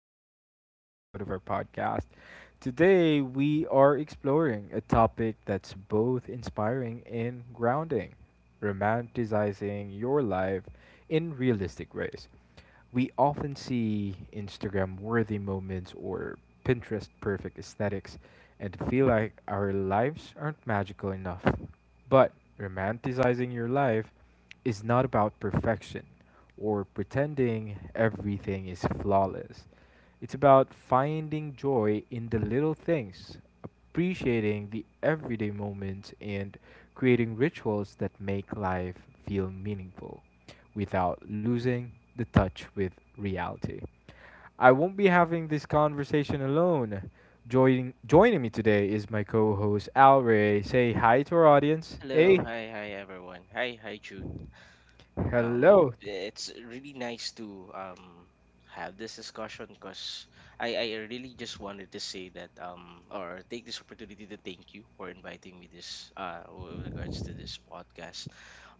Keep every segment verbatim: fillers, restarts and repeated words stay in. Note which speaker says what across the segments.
Speaker 1: for another episode of our podcast. Today we are exploring a topic that's both inspiring and grounding, romanticizing your life in realistic ways. We often see Instagram worthy moments or Pinterest perfect aesthetics and feel like our lives aren't magical enough. But romanticizing your life is not about perfection or pretending everything is flawless. It's about finding joy in the little things, appreciating the everyday moments and creating rituals that make life feel meaningful without losing the touch with reality. I won't be having this conversation alone. Joining joining me today is my co-host Al Ray. Say hi to our audience. Hey,
Speaker 2: Hello, hi, hi everyone. Hi, hi Jude. Um,
Speaker 1: hello.
Speaker 2: it's really nice to um have this discussion because I I really just wanted to say that um or take this opportunity to thank you for inviting me this uh w- with regards to this podcast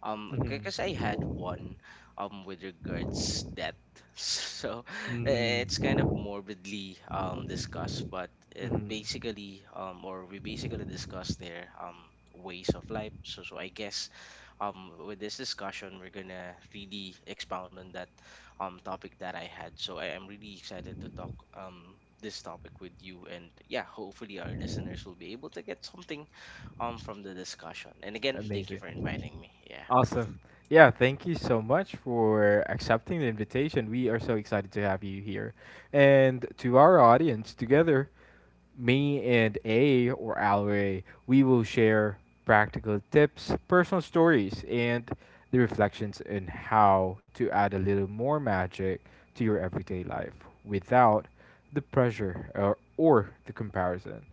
Speaker 2: um
Speaker 1: Mhm.
Speaker 2: because I had one um with regards death so eh,
Speaker 1: Mhm.
Speaker 2: it's kind of morbidly um discussed, but it
Speaker 1: Mhm.
Speaker 2: basically um or we basically discussed their um ways of life, so so I guess um with this discussion we're gonna really expound on that um topic that I had. So I, i'm really excited to talk um this topic with you, and yeah, hopefully our listeners will be able to get something um from the discussion. And again, thank you for
Speaker 1: Amazing.
Speaker 2: inviting me. Yeah.
Speaker 1: Awesome. Yeah, thank you so much for accepting the invitation. We are so excited to have you here. And to our audience, together, me and A or Alway, we will share practical tips, personal stories, and the reflections on how to add a little more magic to your everyday life without the pressure or, or the comparison.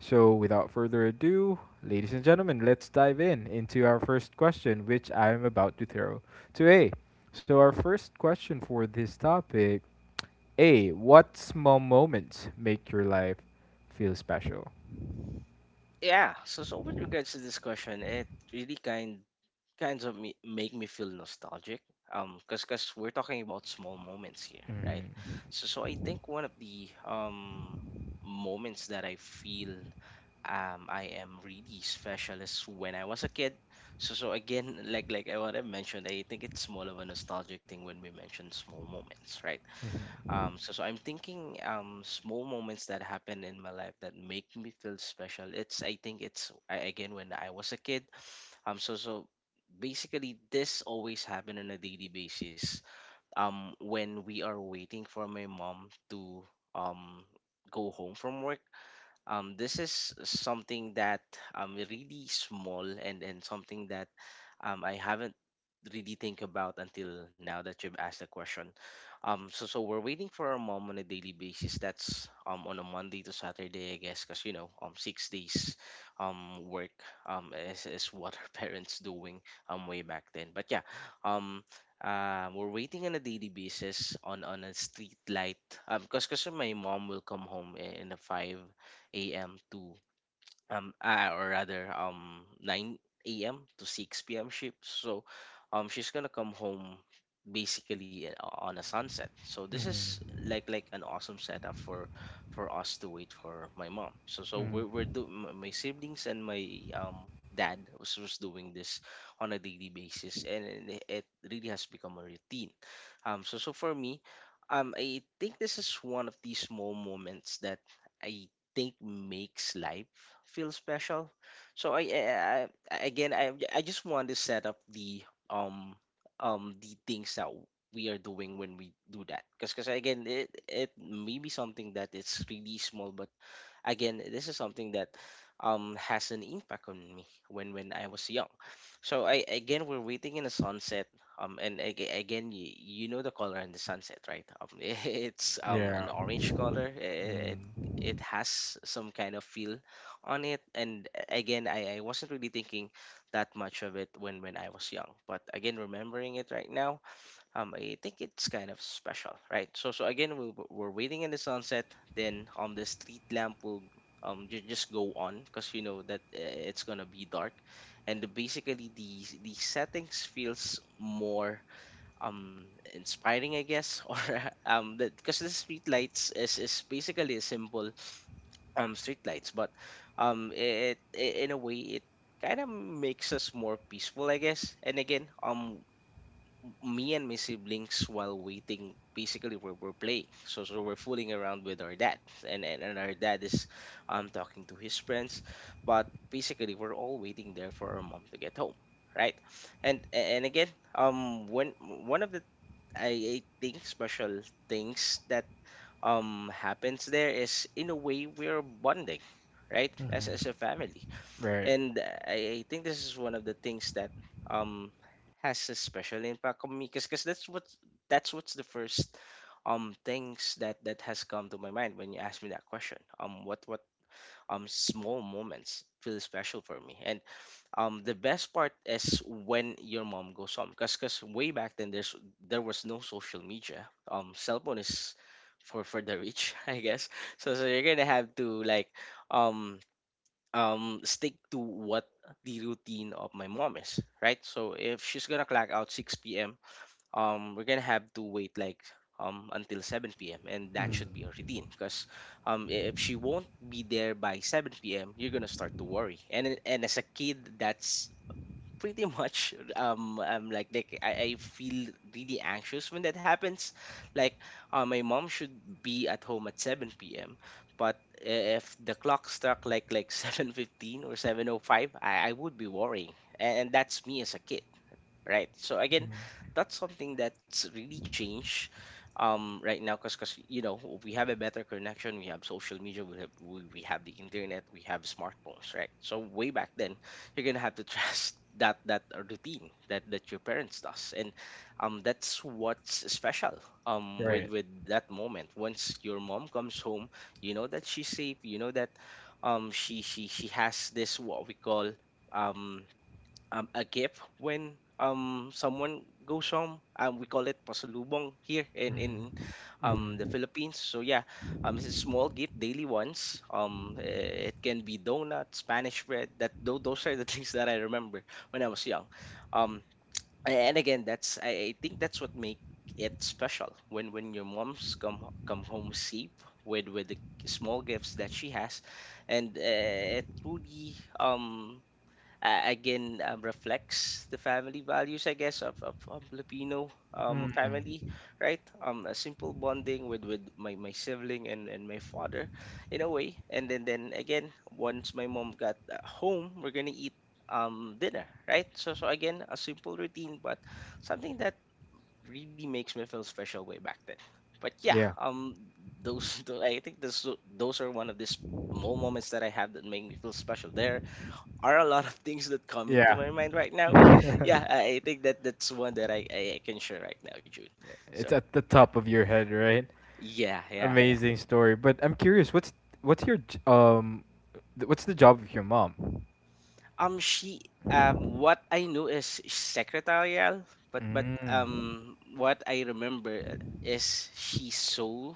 Speaker 1: So, without further ado, ladies and gentlemen, let's dive in into our first question, which I am about to throw to A. So, our first question for this topic A, what small moments make your life feel special?
Speaker 2: Yeah, so so with regards to this question, it really kind kinds of me, make me feel nostalgic um because because we're talking about small moments here, right?
Speaker 1: Mm-hmm.
Speaker 2: So so I think one of the um moments that I feel, um I am really special is when I was a kid. So so again, like like what I mentioned, I think it's more of a nostalgic thing when we mention small moments, right?
Speaker 1: Mm-hmm.
Speaker 2: Um, so, so I'm thinking, um, small moments that happen in my life that make me feel special. It's I think it's a- again, when I was a kid. Um, so so basically this always happen on a daily basis. Um, when we are waiting for my mom to um go home from work, um, this is something that um really small, and and something that um I haven't really think about until now that you've asked the question. Um, so so we're waiting for our mom on a daily basis. That's um on a Monday to Saturday, I guess, because you know um six days um work um is, is what our parents doing um way back then. But yeah, um uh, we're waiting on a daily basis on on a street light um because my mom will come home in a five a m to, um ah, or rather um nine a m to six p m shift. So um she's gonna come home basically, uh, on a sunset. So this is
Speaker 1: Mm-hmm.
Speaker 2: like like an awesome setup for for us to wait for my mom. So so we're we're
Speaker 1: Mm.
Speaker 2: do m- my siblings and my um dad was, was doing this on a daily basis, and it it really has become a routine. Um so so for me, um I think this is one of these small moments that I think makes life feel special. So I, I, I again, I I just want to set up the um um the things that we are doing when we do that, because because again, it it may be something that it's really small, but again, this is something that um has an impact on me when when I was young. So I again We're waiting in the sunset. Um, and aga- again, you, you know the color in the sunset, right? Um, it's um an
Speaker 1: Yeah.
Speaker 2: orange color. It it
Speaker 1: Mm.
Speaker 2: has some kind of feel on it. And again, I, I wasn't really thinking that much of it when when I was young. But again, remembering it right now, um I think it's kind of special, right? So so again, we we're waiting in the sunset, then um the street lamp will um ju- just go on because you know that, uh, it's gonna be dark, and the, basically the the settings feels more um inspiring, I guess, or um that because the street lights is is basically a simple um streetlights, but um it, I in a way, it kind of makes us more peaceful, I guess. And again, um me and my siblings, while waiting, basically we're, we're playing, so so we're fooling around with our dad, and, and and our dad is um talking to his friends, but basically we're all waiting there for our mom to get home, right? and and again um when one of the, i, I think, special things that um happens there is, in a way, we're bonding, right, as
Speaker 1: Mm-hmm.
Speaker 2: as a family.
Speaker 1: Right.
Speaker 2: And I, I think this is one of the things that um has a special impact on me because that's what that's what's the first um things that that has come to my mind when you ask me that question. Um what what um small moments feel special for me. And um the best part is when your mom goes home, because because way back then, there's there was no social media. Um cell phone is for for the rich, I guess. So so you're gonna have to, like, um um stick to what the routine of my mom is, right? So if she's gonna clock out six p m, um we're gonna have to wait, like um until seven p m, and that should be her
Speaker 1: Mm.
Speaker 2: routine, because um i- if she won't be there by seven p m, you're gonna start to worry. And it- and as a kid, that's pretty much, um I'm like like I, I feel really anxious when that happens, like, uh, my mom should be at home at seven p m. But if the clock struck, like like seven fifteen or seven oh five, I, I would be worrying, and, and that's me as a kid, right? So again,
Speaker 1: Mm.
Speaker 2: that's something that's really changed um right now, because because you know we have a better connection. We have social media, we have, we, we have the internet, we have smartphones, right? So way back then, you're gonna have to trust that that routine that that your parents does. And um that's what's special, um
Speaker 1: Right.
Speaker 2: with with that moment. Once your mom comes home, you know that she's safe, you know that um she she she has this what we call, um um, a gift when um someone goes home. Um, we call it pasalubong here in in
Speaker 1: Mm.
Speaker 2: um the
Speaker 1: Mm.
Speaker 2: Philippines. So yeah, um, it's a small gift, daily ones. Um, eh, it can be donuts, Spanish bread. That tho- those are the things that I remember when I was young. Um, a- and again, that's I, I think that's what make it special when when your moms come ho- come home safe with with the small gifts that she has. And, uh, it truly, um uh, again um, reflects the family values, I guess, of, of, of Filipino um, family,
Speaker 1: Mm.
Speaker 2: right? Um a simple bonding with with my, my sibling and, and my father, in a way. And then then again, once my mom got, uh, home, we're gonna eat um dinner, right? So so again, a simple routine, but something that really makes me feel special way back then. But yeah.
Speaker 1: Yeah.
Speaker 2: um those tho- I think those those are one of these small moments that I have that make me feel special. There are a lot of things that coming to
Speaker 1: Yeah.
Speaker 2: my mind right now. But yeah, I, I think that that's one that I, I, I can share right now, June. So
Speaker 1: It's at the
Speaker 2: yeah,
Speaker 1: top of your head, right?
Speaker 2: yeah, yeah, yeah.
Speaker 1: Amazing story. But I'm curious, what's what's your j- um th- what's the job of your mom?
Speaker 2: Um, she um, What I knew is secretarial, but but
Speaker 1: Mm.
Speaker 2: um, what I remember is she sold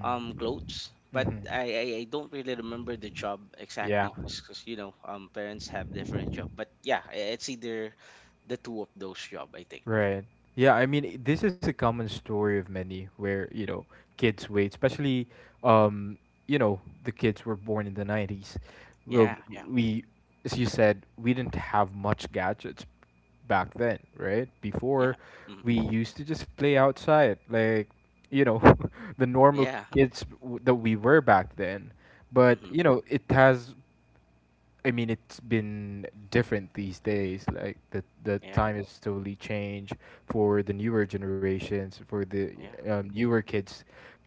Speaker 2: um clothes. But
Speaker 1: Mhm.
Speaker 2: I, I, I don't really remember the job
Speaker 1: Yeah.
Speaker 2: exactly, because you know um parents have different job. But yeah, i- it's either the two of those job, I think.
Speaker 1: Right. Yeah, I mean, i- this is a common story of many where, you know, kids wait, especially, um, you know, the kids were born in the nineties. Well,
Speaker 2: Yeah, yeah,
Speaker 1: we, as you said, we didn't have much gadgets back then, right?
Speaker 2: yeah,
Speaker 1: Before,
Speaker 2: mm,
Speaker 1: we used to just play outside, like, you know, the normal
Speaker 2: yeah.
Speaker 1: kids w- that we were back then. But,
Speaker 2: Mm-hmm.
Speaker 1: you know, it has I mean, it's been different these days. Like the the
Speaker 2: Yeah.
Speaker 1: time has totally changed for the newer generations, for the
Speaker 2: Yeah.
Speaker 1: um, newer kids.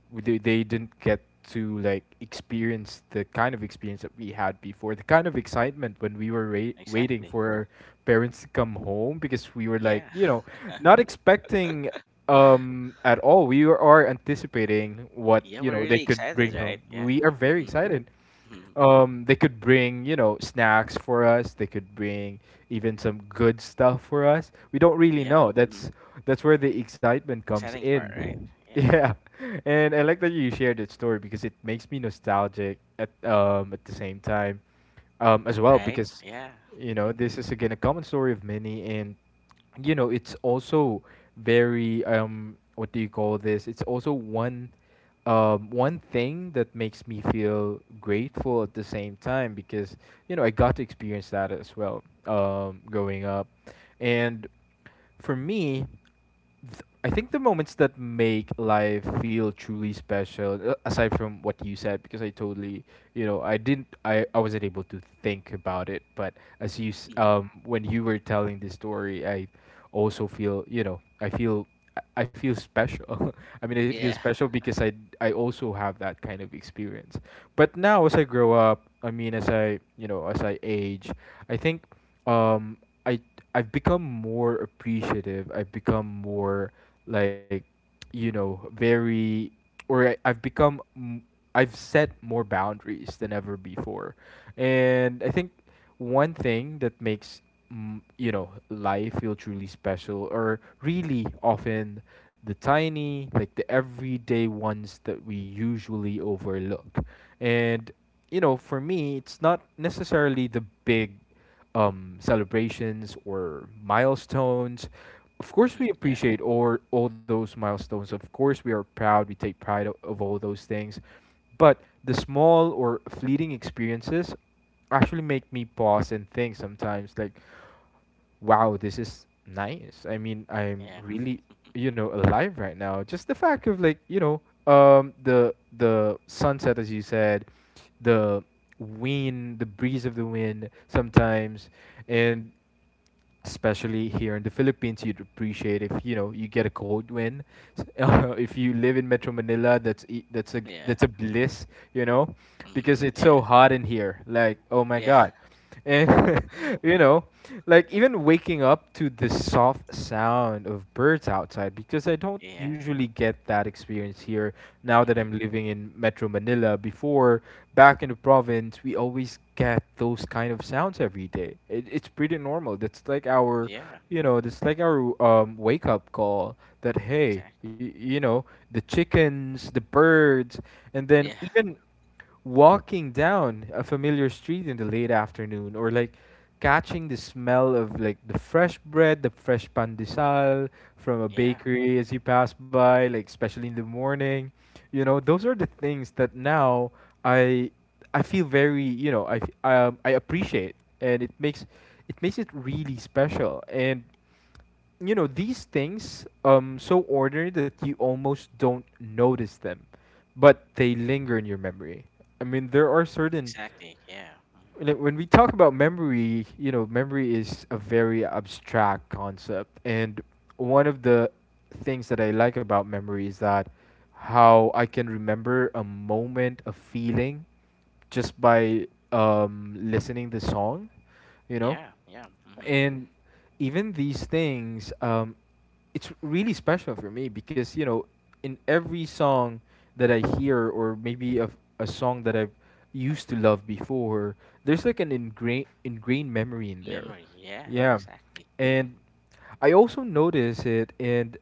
Speaker 1: We- They they didn't get to like experience the kind of experience that we had before, the kind of excitement when we were ra- waiting
Speaker 2: Exactly.
Speaker 1: for our parents to come home because we were like,
Speaker 2: Yeah.
Speaker 1: you know, not expecting um at all. We are anticipating what
Speaker 2: Yeah.
Speaker 1: you
Speaker 2: We're
Speaker 1: know they
Speaker 2: really
Speaker 1: could
Speaker 2: excited,
Speaker 1: bring
Speaker 2: right?
Speaker 1: home.
Speaker 2: Yeah.
Speaker 1: We are very
Speaker 2: Mm-hmm.
Speaker 1: excited.
Speaker 2: Hmm.
Speaker 1: Um, they could bring, you know, snacks for us. They could bring even some good stuff for us. We don't really
Speaker 2: Yeah.
Speaker 1: know.
Speaker 2: Hmm.
Speaker 1: That's that's where the excitement comes
Speaker 2: Exciting part, right?
Speaker 1: in.
Speaker 2: Yeah.
Speaker 1: Yeah. And I like that you shared that story because it makes me nostalgic at um at the same time um, as well,
Speaker 2: Right.
Speaker 1: because
Speaker 2: Yeah.
Speaker 1: you know this is again a common story of many, and you know it's also very, um what do you call this, it's also one um one thing that makes me feel grateful at the same time, because you know I got to experience that as well, um growing up. And for me, th- I think the moments that make life feel truly special, uh, aside from what you said, because I totally, you know, I didn't, I, I wasn't able to think about it. But as you, s-
Speaker 2: Mhm.
Speaker 1: um, when you were telling this story, I also feel, you know, I feel, I I feel special. I mean, I feel
Speaker 2: Yeah.
Speaker 1: special because I, I also have that kind of experience. But now, as I grow up, I mean, as I, you know, as I age, I think, um, I I've become more appreciative. I've become more, like, you know very, or I, I've become m- I've set more boundaries than ever before. And I think one thing that makes, mm, you know life feel truly special are really often the tiny, like the everyday ones that we usually overlook. And you know, for me, it's not necessarily the big, um, celebrations or milestones. Of course,
Speaker 2: Hmm.
Speaker 1: we
Speaker 2: Yeah.
Speaker 1: appreciate all, all those milestones. Of course, we are proud. We take pride of, of all those things. But the small or fleeting experiences actually make me pause and think sometimes, like, wow, this is nice. I mean, I'm
Speaker 2: Yeah.
Speaker 1: really, you know, alive right now. Just the fact of, like, you know, um, the the sunset, as you said, the wind, the breeze of the wind sometimes,
Speaker 2: Hmm.
Speaker 1: and especially here in the Philippines, you'd appreciate if you know you get a cold win. S- Uh, if you live in Metro Manila, that's e- that's a
Speaker 2: Yeah.
Speaker 1: that's a bliss, you know, because
Speaker 2: Hmm.
Speaker 1: it's so
Speaker 2: Yeah.
Speaker 1: hot in here. Like, oh my
Speaker 2: Yeah.
Speaker 1: god, and you know, like even waking up to the soft sound of birds outside, because I don't
Speaker 2: Yeah.
Speaker 1: usually get that experience here now that
Speaker 2: Hmm.
Speaker 1: I'm living in Metro Manila. uh, before, back in the province, we always get those kind of sounds every day. It, it's pretty normal. That's like our,
Speaker 2: Yeah.
Speaker 1: you know, that's like our, um, wake up call that, hey,
Speaker 2: Exactly.
Speaker 1: y- you know, the chickens, the birds, and then
Speaker 2: Yeah.
Speaker 1: even walking down a familiar street in the late afternoon, or like catching the smell of, like, the fresh bread, the fresh pandesal from a
Speaker 2: Yeah.
Speaker 1: bakery as you pass by, like especially in the morning. You know, those are the things that now I I feel very, you know, I f- um, I appreciate, and it makes, it makes it really special. And you know these things, um so ordinary that you almost don't notice them, but they linger in your memory. I mean, there are certain,
Speaker 2: Exactly. Yeah. Hmm.
Speaker 1: like, when we talk about memory, you know memory is a very abstract concept. And one of the things that I like about memory is that how I can remember a moment, a feeling, just by um listening the song you know
Speaker 2: Yeah. Yeah. Mm-hmm.
Speaker 1: and even these things, um, it's really special for me, because you know in every song that I hear, or maybe of a song that I've used to love before, there's like an ingrained ingrained memory in there.
Speaker 2: Memory. Yeah.
Speaker 1: Yeah.
Speaker 2: Exactly. Mm-hmm.
Speaker 1: And I also notice it in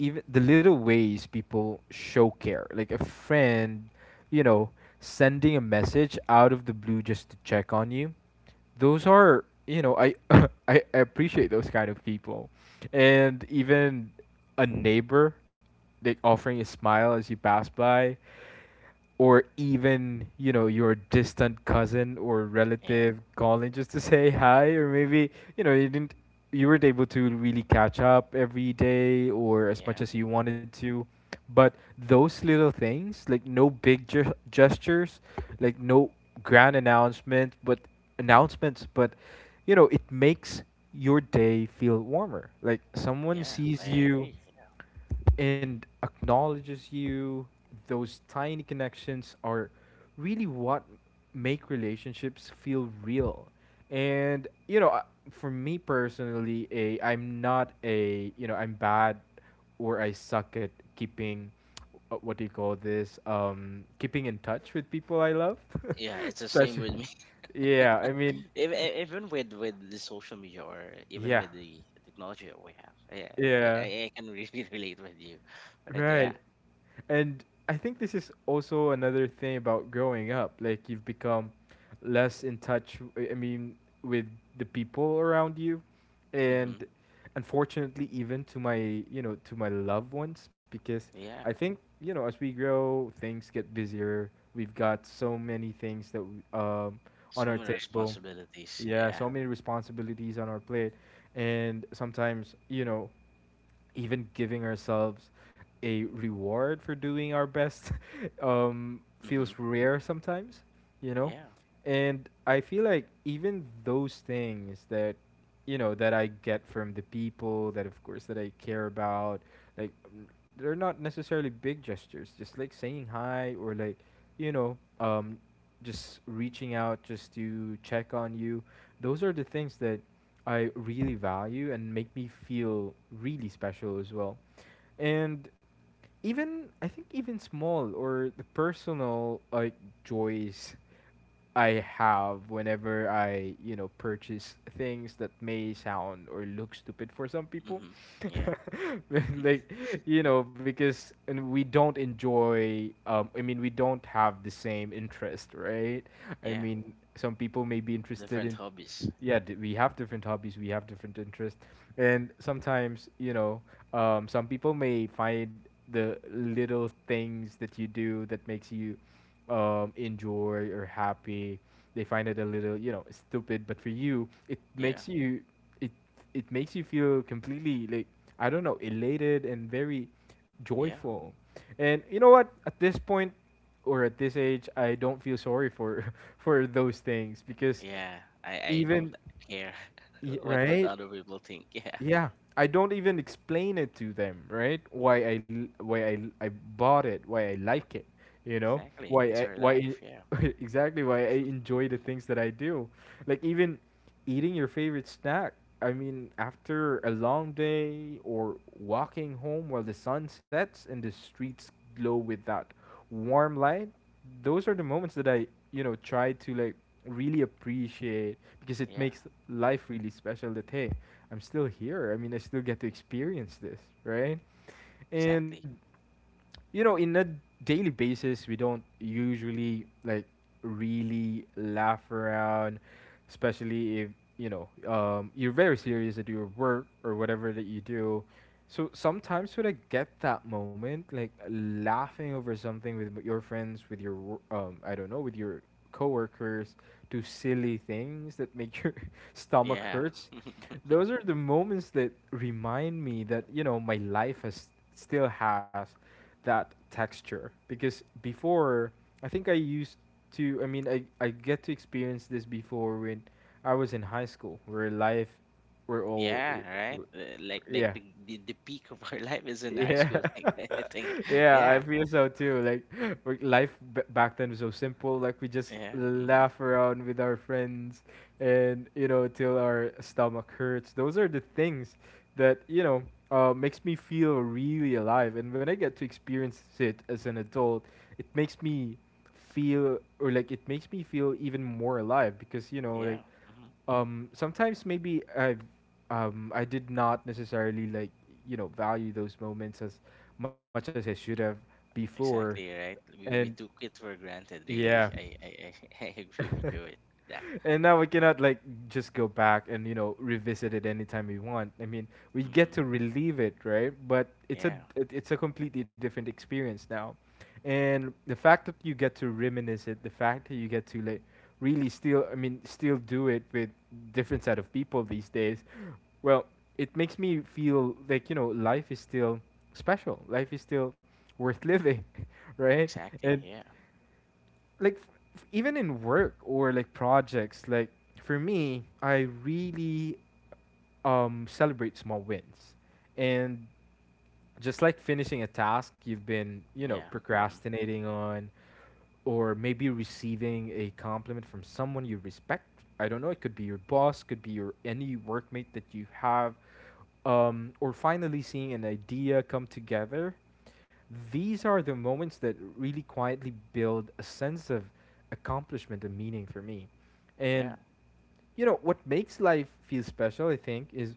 Speaker 1: even the little ways people show care, like a friend, you know, sending a message out of the blue just to check on you. Those are, you know,
Speaker 2: Hmm.
Speaker 1: I, I I appreciate those kind of people, and even a neighbor, like offering a smile as you pass by, or even you know your distant cousin or
Speaker 2: Yeah.
Speaker 1: relative calling just to say hi, or maybe you know you didn't you weren't able to really catch up every day or as much
Speaker 2: Yeah.
Speaker 1: as you
Speaker 2: Hmm.
Speaker 1: wanted to, but those little things, like no big ge- gestures, like no grand announcement but announcements, but you know it makes your day feel warmer, like someone
Speaker 2: Yeah.
Speaker 1: sees
Speaker 2: I
Speaker 1: you
Speaker 2: agree.
Speaker 1: and acknowledges you. Those tiny connections are really what make relationships feel real. And you know I- for me personally, a I'm not a, you know I'm bad, or I suck at keeping, uh, what do you call this, um keeping in touch with people I love.
Speaker 2: Yeah, it's the same
Speaker 1: Especially.
Speaker 2: with me.
Speaker 1: Yeah, I mean.
Speaker 2: Ev- e- Even with with the social media or even
Speaker 1: Yeah.
Speaker 2: with the technology that we have. Yeah, I,
Speaker 1: Yeah.
Speaker 2: I I can really relate with you. Right? Yeah.
Speaker 1: Right. And I think this is also another thing about growing up. Like, you've become less in touch, w- I mean, with the people around you. And
Speaker 2: Mm-hmm.
Speaker 1: unfortunately, even to my, you know, to my loved ones, because I
Speaker 2: Yeah.
Speaker 1: think, you know, as we grow, things get busier. We've got so many things that w- um on
Speaker 2: So
Speaker 1: our
Speaker 2: many
Speaker 1: table.
Speaker 2: responsibilities.
Speaker 1: Yeah,
Speaker 2: Yeah.
Speaker 1: so many responsibilities on our plate. And sometimes, you know, even giving ourselves a reward for doing our best um,
Speaker 2: Mm-hmm.
Speaker 1: feels rare sometimes, you know?
Speaker 2: Yeah.
Speaker 1: And I feel like even those things that you know that I get from the people that of course that I care about, like, mm, they're not necessarily big gestures, just like saying hi, or like you know um just reaching out just to check on you. Those are the things that I really value and make me feel really special as well. And even, I think, even small or the personal, like, joys I have whenever I you know purchase things that may sound or look stupid for some people,
Speaker 2: Mm-hmm. Yeah.
Speaker 1: like you know because and we don't enjoy. Um, I mean, we don't have the same interest, right? I
Speaker 2: Yeah.
Speaker 1: mean, some people may be interested
Speaker 2: Different
Speaker 1: in,
Speaker 2: hobbies. Yeah.
Speaker 1: yeah, d- we have different hobbies, we have different interests, and sometimes, you know, um, some people may find the little things that you do that makes you, um, enjoy or happy. They find it a little, you know, stupid, but for you, it
Speaker 2: Yeah.
Speaker 1: makes you. It it it makes you feel completely, like, I don't know, elated and very
Speaker 2: Yeah.
Speaker 1: joyful. And you know what? At this point or at this age, I don't feel sorry for for those things, because
Speaker 2: Yeah. I I don't
Speaker 1: even
Speaker 2: care
Speaker 1: y-
Speaker 2: what what
Speaker 1: right,
Speaker 2: other people think. Yeah.
Speaker 1: yeah, I don't even explain it to them, right? Why I l- why I l- I bought it, why I like it, you know?
Speaker 2: Exactly. It's
Speaker 1: Why I
Speaker 2: our
Speaker 1: why
Speaker 2: life. Yeah.
Speaker 1: I- exactly why I enjoy the things that I do. Like even eating your favorite snack. I mean, after a long day or walking home while the sun sets and the streets glow with that warm light, those are the moments that I, you know, try to like really appreciate because it
Speaker 2: Yeah.
Speaker 1: makes
Speaker 2: Mm-hmm.
Speaker 1: life really special that hey, I'm still here. I mean, I still get to experience this, right? And
Speaker 2: Exactly.
Speaker 1: you know, in a daily basis, we don't usually like really laugh around, especially if you know um, you're very serious at your work or whatever that you do. So sometimes when I get that moment, like laughing over something with m- your friends, with your wo- um, I don't know, with your coworkers, do silly things that make your stomach
Speaker 2: Yeah.
Speaker 1: hurts. Those are the moments that remind me that you know my life has still has that texture because before I think I used to I mean I I get to experience this before when I was in high school where life we're all
Speaker 2: Yeah,
Speaker 1: I-
Speaker 2: right.
Speaker 1: w-
Speaker 2: Uh, Like like
Speaker 1: yeah
Speaker 2: the, the the peak of our life is in high
Speaker 1: yeah
Speaker 2: school. Like I think,
Speaker 1: yeah, I
Speaker 2: yeah,
Speaker 1: feel so too. Like we- life b- back then was so simple. Like we just
Speaker 2: yeah, hmm,
Speaker 1: laugh around with our friends, and you know till our stomach hurts. Those are the things that you know uh, makes me feel really alive. And when I get to experience it as an adult, it makes me feel or like it makes me feel even more alive because you know
Speaker 2: yeah,
Speaker 1: like
Speaker 2: hmm,
Speaker 1: um sometimes maybe i um I did not necessarily like you know value those moments as much as I should have before.
Speaker 2: exactly, right.
Speaker 1: And
Speaker 2: We we took it for granted, really.
Speaker 1: yeah
Speaker 2: I I I, I agree with you with that.
Speaker 1: and now we cannot like just go back and you know revisit it anytime we want. I mean we get
Speaker 2: Hmm.
Speaker 1: to relive it, right? But it's a
Speaker 2: Yeah,
Speaker 1: it- it's a completely different experience now, and the fact that you get to reminisce it, the fact that you get to like really still I mean still do it with different set of people these days. Well, it makes me feel like, you know, life is still special. Life is still worth living, right?
Speaker 2: exactly.
Speaker 1: And
Speaker 2: Yeah,
Speaker 1: like f- f- even in work or like projects, like for me, I really um celebrate small wins. And just like finishing a task you've been, you know,
Speaker 2: yeah, hmm,
Speaker 1: procrastinating on, or maybe receiving a compliment from someone you respect. I don't know. It could be your boss, could be your any workmate that you have, um, or finally seeing an idea come together. These are the moments that really quietly build a sense of accomplishment and meaning for me.
Speaker 2: yeah,
Speaker 1: And you know what makes life feel special, I think, is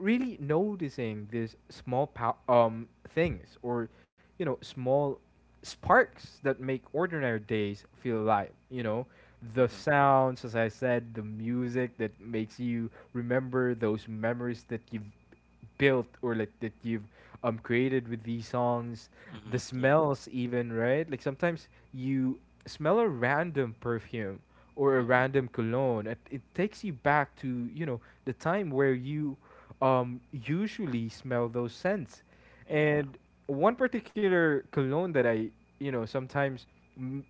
Speaker 1: really noticing these small pow- um things, or you know small sparks that make ordinary days feel alive, you know, the
Speaker 2: hmm,
Speaker 1: sounds, as I said, the music that makes you remember those memories that you've built or like that you've um created with these songs,
Speaker 2: hmm,
Speaker 1: the
Speaker 2: yeah,
Speaker 1: smells even, right? Like sometimes you smell a random perfume or a
Speaker 2: hmm,
Speaker 1: random cologne. It, it takes you back to you know the time where you um, usually smell those scents.
Speaker 2: yeah.
Speaker 1: And one particular cologne that I you know sometimes m-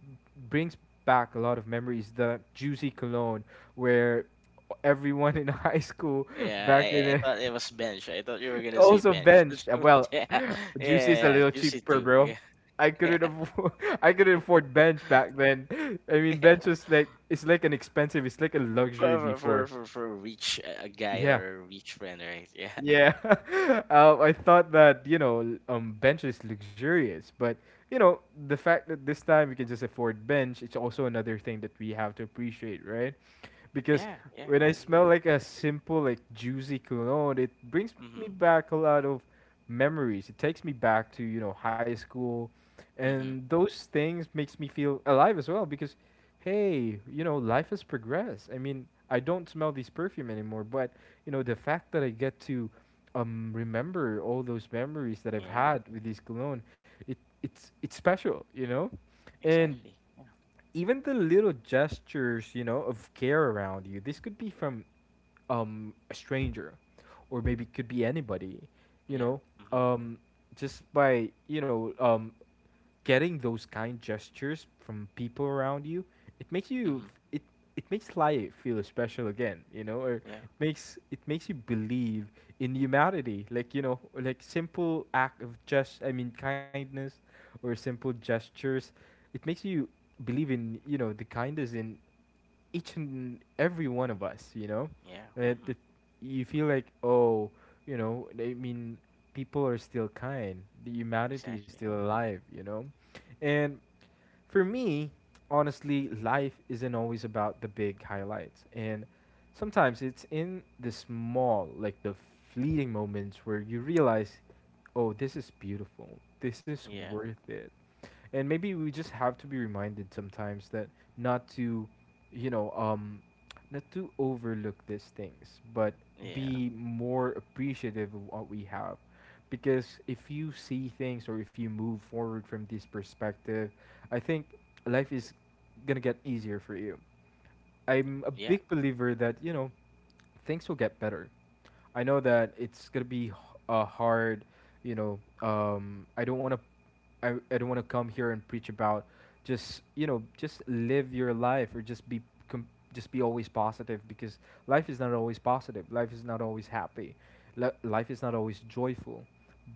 Speaker 1: brings back a lot of memories. The juicy cologne where everyone in high school
Speaker 2: Yeah,
Speaker 1: back in
Speaker 2: I, I I
Speaker 1: the,
Speaker 2: thought it was bench. I thought you were gonna say
Speaker 1: also
Speaker 2: bench, but
Speaker 1: bench. Uh, Well,
Speaker 2: yeah, yeah,
Speaker 1: juicy is a
Speaker 2: yeah, yeah,
Speaker 1: little
Speaker 2: juicy
Speaker 1: cheaper,
Speaker 2: too.
Speaker 1: bro.
Speaker 2: Yeah,
Speaker 1: I couldn't
Speaker 2: yeah,
Speaker 1: afford I couldn't afford bench back then. I mean,
Speaker 2: yeah.
Speaker 1: bench was like, it's like an expensive, it's like a luxury
Speaker 2: for for
Speaker 1: before.
Speaker 2: for for reach a a guy
Speaker 1: Yeah.
Speaker 2: or a reach friend, right? Yeah,
Speaker 1: Yeah. uh, I thought that, you know, um bench is luxurious, but you know, the fact that this time we can just afford bench, it's also another thing that we have to appreciate, right? Because
Speaker 2: yeah, yeah.
Speaker 1: when
Speaker 2: I
Speaker 1: I smell
Speaker 2: agree.
Speaker 1: like a simple like juicy cologne, it brings me
Speaker 2: Mhm,
Speaker 1: back a lot of memories. It takes me back to you know high school, and
Speaker 2: mhm.
Speaker 1: those things makes me feel alive as well because, hey, you know life has progressed. I mean, I don't smell this perfume anymore, but you know the fact that I get to um remember all those memories that I've
Speaker 2: Yeah,
Speaker 1: had with this cologne, it it's it's special, you know. And
Speaker 2: exactly. Yeah,
Speaker 1: even the little gestures, you know, of care around you. This could be from um a stranger, or maybe it could be anybody, you
Speaker 2: yeah.
Speaker 1: know.
Speaker 2: Mhm,
Speaker 1: Um just by, you know, um getting those kind gestures from people around you, it makes you
Speaker 2: mhm.
Speaker 1: f- it it makes life feel special again, you know, or
Speaker 2: Yeah,
Speaker 1: it makes it makes you believe in humanity. Like, you know, like simple act of just I mean kindness or simple gestures, it makes you believe in, you know, the kindness in each and every one of us, you know?
Speaker 2: yeah.
Speaker 1: And it,
Speaker 2: Mhm.
Speaker 1: it, you feel like, oh, you know, I mean, people are still kind. The humanity is still
Speaker 2: Exactly.
Speaker 1: alive, you know? And for me, honestly, life isn't always about the big highlights. And sometimes it's in the small, like the fleeting moments where you realize, oh, this is beautiful. This is
Speaker 2: Yeah,
Speaker 1: worth it, and maybe we just have to be reminded sometimes that not to you know um not to overlook these things, but
Speaker 2: yeah,
Speaker 1: be more appreciative of what we have, because if you see things or if you move forward from this perspective, I think life is gonna get easier for you. I'm a
Speaker 2: yeah.
Speaker 1: big believer that you know things will get better. I know that it's gonna be h- uh, hard. You know, um, I don't want to. I, I don't want to come here and preach about just you know just live your life, or just be com- just be always positive, because life is not always positive. Life is not always happy. Li- life is not always joyful,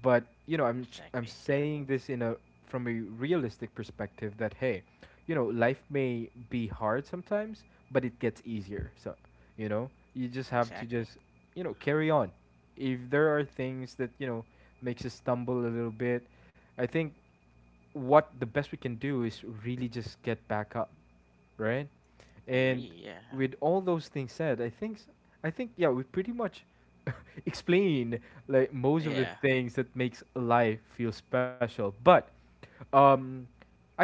Speaker 1: but you know i'm I'm
Speaker 2: Exactly. Yeah,
Speaker 1: saying this in a, from a realistic perspective that hey, you know life may be hard sometimes, but it gets easier, so you know you just have to
Speaker 2: exactly.
Speaker 1: just you know carry on. If there are things that you know makes us stumble a little bit, I think what the best we can do is really just get back up, right?
Speaker 2: I
Speaker 1: And
Speaker 2: agree. Yeah,
Speaker 1: with all those things said, I think s- I think, yeah, we pretty much explained like most of the
Speaker 2: yeah,
Speaker 1: things that makes life feel special. But um,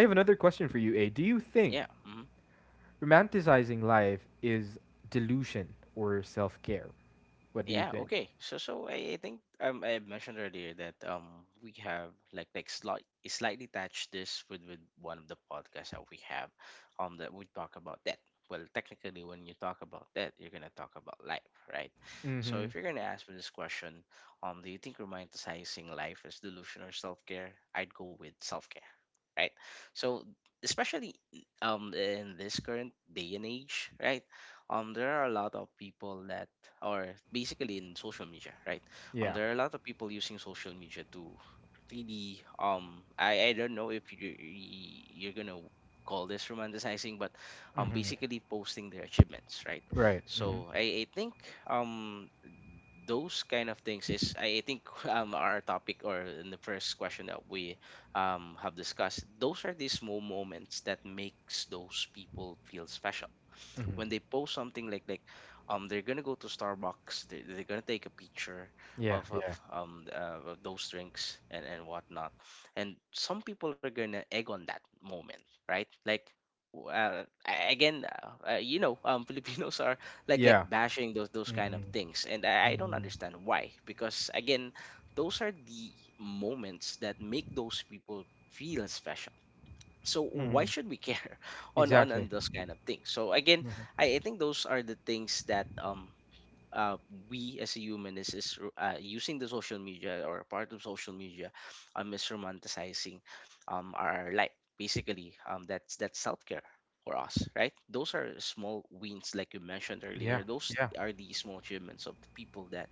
Speaker 1: I have another question for you, A. Do you
Speaker 2: yeah.
Speaker 1: think
Speaker 2: Mhm.
Speaker 1: romanticizing life is delusion or self care? What do you
Speaker 2: Yeah,
Speaker 1: think?
Speaker 2: okay. So so I, I think um I mentioned earlier that um we have like like slight slightly touched this with with one of the podcasts that we have um that we talk about death. Well, technically when you talk about death, you're gonna talk about life, right? So
Speaker 1: Mm-hmm.
Speaker 2: if you're gonna ask me this question, um do you think romanticizing life is delusion or self-care? I'd go with self-care, right? So especially um in this current day and age, right? Um, there are a lot of people that are basically in social media, right? Um,
Speaker 1: Yeah.
Speaker 2: there are a lot of people using social media to really um I, I don't know if you you- you're gonna call this romanticizing, but um
Speaker 1: Mm-hmm.
Speaker 2: basically posting their achievements, right?
Speaker 1: Right. Mm-hmm.
Speaker 2: So I, I think um those kind of things is I I think um our topic or in the first question that we um, have discussed, those are the small moments that makes those people feel special
Speaker 1: Mm-hmm.
Speaker 2: when they post something like like um they're gonna go to Starbucks, they they're gonna take a picture
Speaker 1: Yeah.
Speaker 2: of, of
Speaker 1: Yeah.
Speaker 2: um uh, of those drinks and and whatnot, and some people are gonna egg on that moment, right? Like. W- Uh, a- again, uh, uh, you know, um, Filipinos are like like
Speaker 1: Yeah.
Speaker 2: bashing those those
Speaker 1: Mm.
Speaker 2: kind of things, and I, I don't
Speaker 1: Mm.
Speaker 2: understand why. Because again, those are the moments that make those people feel special. So why
Speaker 1: Mm-hmm.
Speaker 2: should we care on on
Speaker 1: Exactly.
Speaker 2: on those kind of things? So again,
Speaker 1: Mm-hmm.
Speaker 2: i, I think those are the things that um uh, we as a human is, is uh, using the social media or part of social media, um, is romanticizing um, our life. Basically, um, that's that's self-care for us, right? Those are small wins. Like you mentioned
Speaker 1: Yeah.
Speaker 2: earlier, those
Speaker 1: Yeah.
Speaker 2: are the small achievements of the people that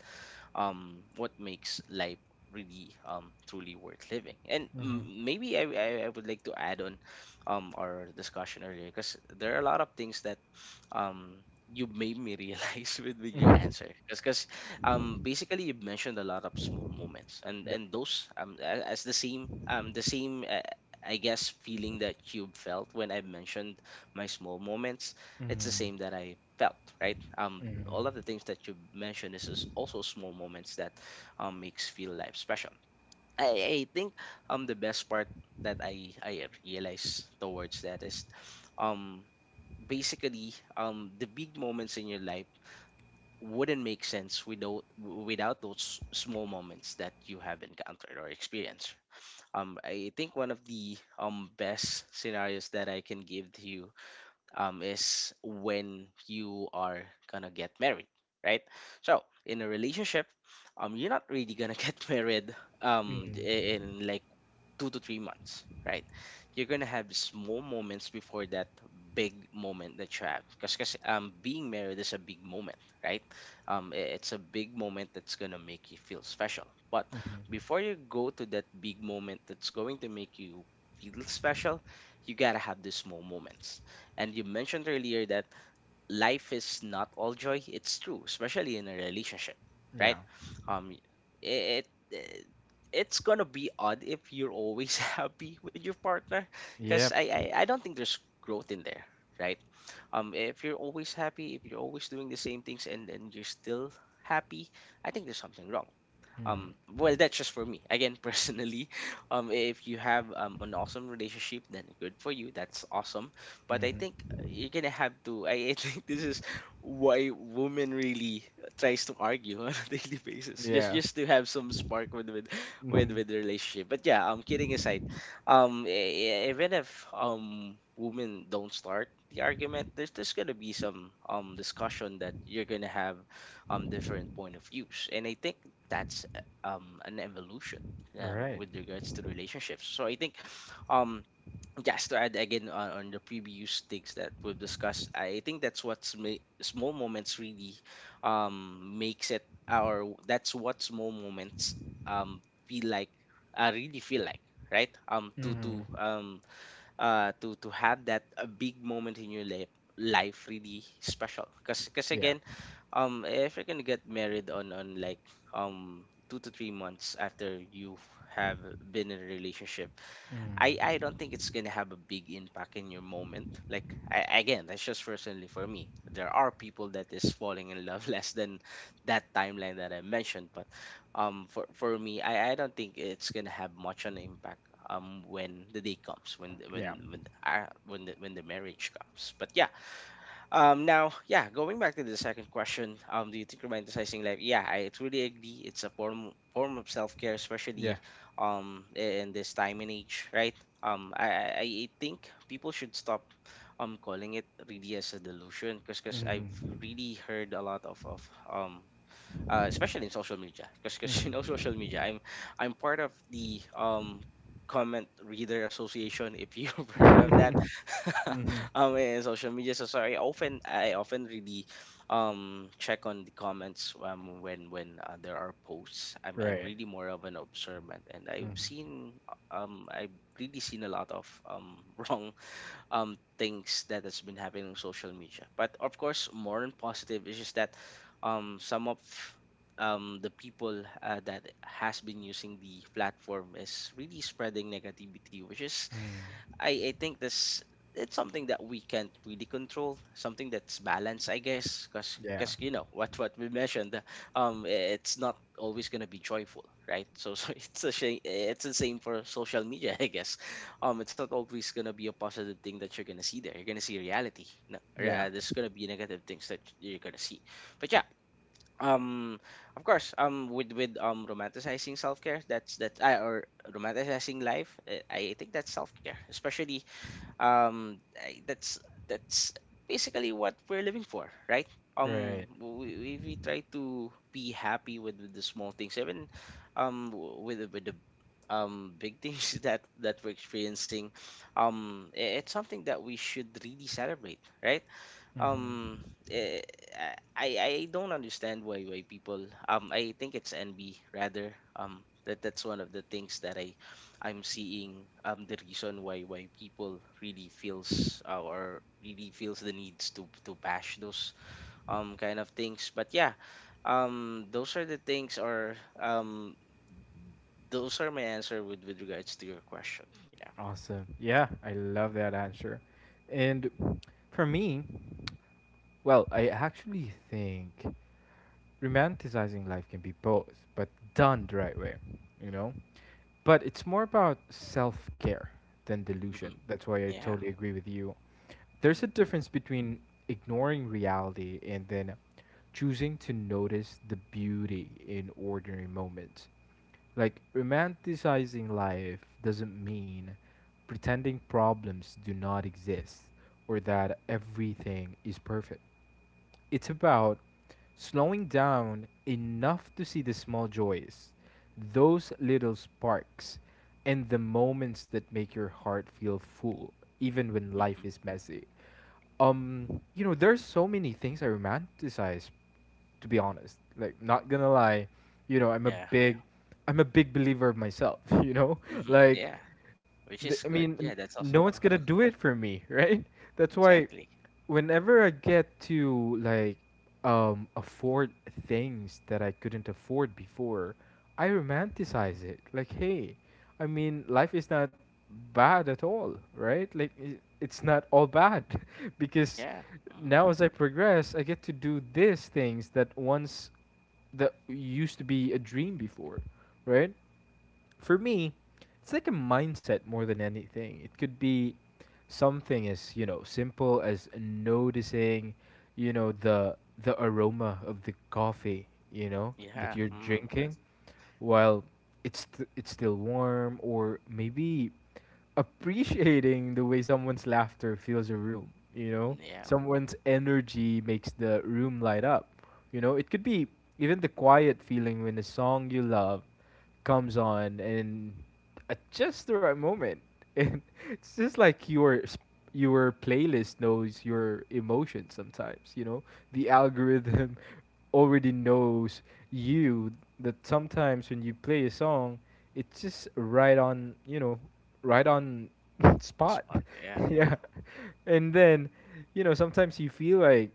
Speaker 2: um what makes life really um truly worth living. And mm,
Speaker 1: Mm-hmm.
Speaker 2: maybe I, I i would like to add on um our discussion earlier, because there are a lot of things that um you made me realize with, with your
Speaker 1: Mm-hmm.
Speaker 2: answer. Because um basically you mentioned a lot of small moments, and
Speaker 1: Yep.
Speaker 2: and those um a- as the same um the same uh, I guess feeling that Cube felt when I mentioned my small moments, it's the
Speaker 1: Mm.
Speaker 2: same that I felt, right? Um all
Speaker 1: Mm.
Speaker 2: of the things that you mentioned is is also small moments that um makes feel life special. I, I think um the best part that I I realize towards that is um basically um the big moments in your life wouldn't make sense without without those small moments that you have encountered or experienced. Um i think one of the um best scenarios that I can give to you um is when you are gonna get married, right? So in a relationship, um you're not really gonna get married um
Speaker 1: Mm.
Speaker 2: i- in like two to three months, right? You're gonna have small moments before that big moment that you have, because um being married is a big moment, right? Um, i- it's a big moment that's gonna make you feel special. But
Speaker 1: Mm-hmm.
Speaker 2: before you go to that big moment that's going to make you feel special, you gotta have the small moments. And you mentioned earlier that life is not all joy. It's true, especially in a relationship, right?
Speaker 1: Yeah.
Speaker 2: Um, it, it it's gonna be odd if you're always happy with your partner, because I,
Speaker 1: Yep.
Speaker 2: I I don't think there's growth in there, right? Um, if you're always happy, if you're always doing the same things and and you're still happy, I think there's something wrong. Um, well,
Speaker 1: Mm-hmm.
Speaker 2: that's just for me. Again, personally, um, if you have um, an awesome relationship, then good for you. That's awesome. But I think uh,
Speaker 1: Mm-hmm.
Speaker 2: you're gonna have to. I, I think this is why women really tries to argue on a daily basis, just
Speaker 1: Yeah.
Speaker 2: just to have some spark with with with
Speaker 1: Mm-hmm.
Speaker 2: with the relationship. But yeah, um, kidding aside, um, e- e- even if um women don't start the argument, there's there's gonna be some um discussion that you're gonna have, um different point of views, and I think that's uh, um an evolution um
Speaker 1: Right.
Speaker 2: with regards to relationships. So I think um just to add again on, on the previous things that we've discussed, I think that's what's ma- small moments really um makes it our, that's what small moments um feel like, uh, really feel like, right? um to to
Speaker 1: Mm-hmm.
Speaker 2: um uh to to have that a big moment in your life life really special. because because
Speaker 1: Yeah.
Speaker 2: again, um if you're gonna get married on on like um two to three months after you have been in a relationship,
Speaker 1: Mm.
Speaker 2: I I don't think it's gonna have a big impact in your moment. Like I, again, that's just personally for me. There are people that is falling in love less than that timeline that I mentioned, but um for for me, I I don't think it's gonna have much an impact um when the day comes, when the- when
Speaker 1: Yeah.
Speaker 2: when uh, when the, when the marriage comes. But yeah, um, now, yeah, going back to the second question, um, do you think romanticizing life? Yeah, I truly agree. It's a form form of self care, especially
Speaker 1: Yeah.
Speaker 2: um in this time and age, right? Um, I I I think people should stop um calling it really as a delusion, because cause 'cause I've
Speaker 1: Mm-hmm.
Speaker 2: really heard a lot of of um uh, especially in social media, because you know social media.
Speaker 1: Mm-hmm.
Speaker 2: I'm I'm part of the um comment reader association, if you've heard of that.
Speaker 1: mm-hmm.
Speaker 2: Um in social media, so sorry, often I often really um check on the comments um when when uh, there are posts. I'm i'm
Speaker 1: Right.
Speaker 2: really more of an observant, and i've
Speaker 1: Mm-hmm.
Speaker 2: seen, um i've really seen a lot of um wrong um, things that has been happening on social media. But of course, more than positive is just that um, some of um, the people uh, that has been using the platform is really spreading negativity, which is,
Speaker 1: Mm.
Speaker 2: I, I think this, it's something that we can't really control, something that's balanced, I guess. because
Speaker 1: Yeah.
Speaker 2: because you know what what we mentioned, um it's not always going to be joyful, right? So so it's a shame, it's the same for social media, I guess. Um it's not always going to be a positive thing that you're going to see there. You're going to see reality. No re- uh,
Speaker 1: Yeah.
Speaker 2: There's going to be negative things that you're going to see. But yeah, um of course um with with um romanticizing self-care, that's that I or romanticizing life, uh, I think that's self-care, especially um I- that's that's basically what we're living for, right? um
Speaker 1: Right.
Speaker 2: we, we, we try to be happy with, with the small things, even um w- with the- with the um big things that that we're experiencing. Um i- it's something that we should really celebrate, right?
Speaker 1: Mm-hmm.
Speaker 2: Um, eh, I I don't understand why why people. Um, I think it's envy rather. Um, that that's one of the things that I I'm seeing. Um, the reason why why people really feels uh, or really feels the needs to to bash those um kind of things. But yeah, um, those are the things or um those are my answer with with regards to your question. Yeah.
Speaker 1: Awesome. Yeah, I love that answer. And for me, well, I actually think romanticizing life can be both, but done the right way, you know? But it's more about self care than
Speaker 2: hmm
Speaker 1: delusion. That's why I
Speaker 2: Yeah.
Speaker 1: totally agree with you. There's a
Speaker 2: hmm
Speaker 1: difference between ignoring reality and then choosing to notice the beauty in ordinary moments. Like, romanticizing life doesn't mean pretending problems do not exist, or that everything is perfect. It's about slowing down enough to see the small joys, those little sparks, and the moments that make your heart feel full, even when life
Speaker 2: hmm
Speaker 1: is messy. Um, you know, there's so many things I romanticize, to be honest. Like not gonna lie, you know, I'm a
Speaker 2: Yeah. Yeah.
Speaker 1: big I'm a big believer of myself, you know?
Speaker 2: hmm
Speaker 1: Like
Speaker 2: Yeah. Which
Speaker 1: th- I
Speaker 2: is good.
Speaker 1: mean,
Speaker 2: Yeah, that's
Speaker 1: no
Speaker 2: awesome.
Speaker 1: one's gonna do it for me, right? That's why
Speaker 2: Exactly.
Speaker 1: whenever I get to like um afford things that I couldn't afford before, I romanticize it. Like, hey, I mean, life is not bad at all, right? Like i- it's not all bad because
Speaker 2: Yeah. Mm.
Speaker 1: now as I progress, I get to do these things that once that used to be a dream before, right? For me, it's like a mindset more than anything. It could be something as, you know, simple as noticing, you know, the the aroma of the coffee, you know, that
Speaker 2: Yeah.
Speaker 1: you're
Speaker 2: Mm.
Speaker 1: drinking
Speaker 2: As-
Speaker 1: while it's st- it's still warm, or maybe appreciating the way someone's laughter fills a room, you know?
Speaker 2: Yeah.
Speaker 1: Someone's energy makes the room light up. You know, it could be even the quiet feeling when a song you love comes on and at just the right moment. And it's just like your s- your playlist knows your emotions sometimes, you know? The algorithm already knows you, that sometimes when you play a song, it's just right on, you know, right on
Speaker 2: The
Speaker 1: spot.
Speaker 2: spot. Yeah. Yeah.
Speaker 1: yeah. And then, you know, sometimes you feel like,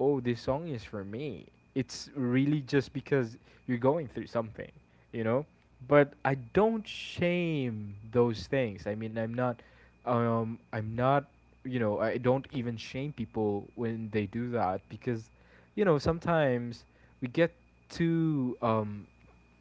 Speaker 1: oh, this song is for me. It's really just because you're going through something, you know? But I don't shame those things. I mean, I'm not, um, I'm not, you know, I don't even shame people when they do that because, you know, sometimes we get too um,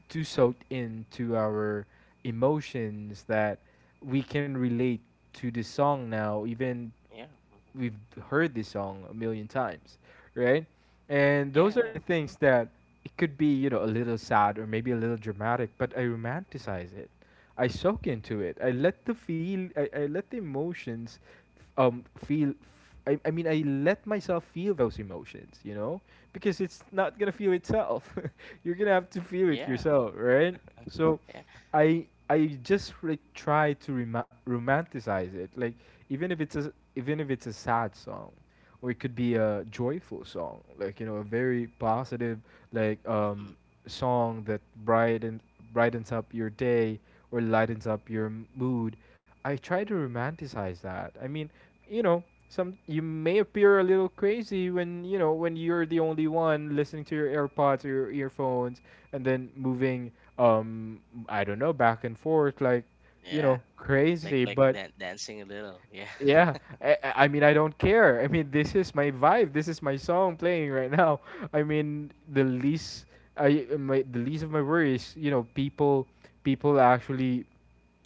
Speaker 1: too soaked into our emotions that we can relate to the song now, even
Speaker 2: Yeah. hmm
Speaker 1: we've heard this song a million times, right? And those
Speaker 2: Yeah.
Speaker 1: are
Speaker 2: Yeah.
Speaker 1: the things that it could be, you know, a little sad or maybe a little dramatic, but I romanticize it. I soak into it. I let the feel. I, I let the emotions, um, feel. I, I mean, I let myself feel those emotions, you know, because it's not gonna feel itself. You're gonna have to feel it
Speaker 2: Yeah.
Speaker 1: yourself, right? So,
Speaker 2: Yeah.
Speaker 1: I I just like try to rema- romanticize it. Like even if it's a even if it's a sad song or it could be a joyful song, like, you know, a very positive, like
Speaker 2: hmm
Speaker 1: um song that brighten brightens up your day or lightens up your m- mood. I try to romanticize that. I mean, you know, some you may appear a little crazy when, you know, when you're the only one listening to your AirPods or your earphones, and then moving, um I don't know, back and forth, like, you know,
Speaker 2: Yeah.
Speaker 1: crazy.
Speaker 2: Like like
Speaker 1: But
Speaker 2: dan- dancing a little. Yeah.
Speaker 1: yeah, I, I I mean, I don't care. I mean, this is my vibe. This is my song playing right now. I mean, the least I my the least of my worries, you know, people people actually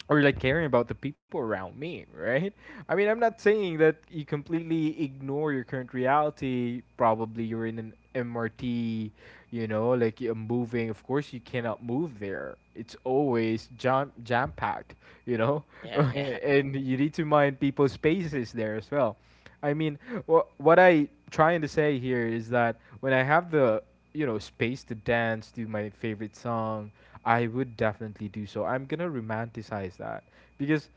Speaker 1: or like caring about the people around me, right? I mean, I'm not saying that you completely ignore your current reality. Probably you're in an M R T, you know, like you're moving. Of course, you cannot move there. It's always jam jam packed, you know,
Speaker 2: yeah. Yeah.
Speaker 1: and you need to mind people's spaces there as well. I mean, wh- what I trying to say here is that when I have the, you know, space to dance, do my favorite songs, I would definitely do so. I'm gonna romanticize that because,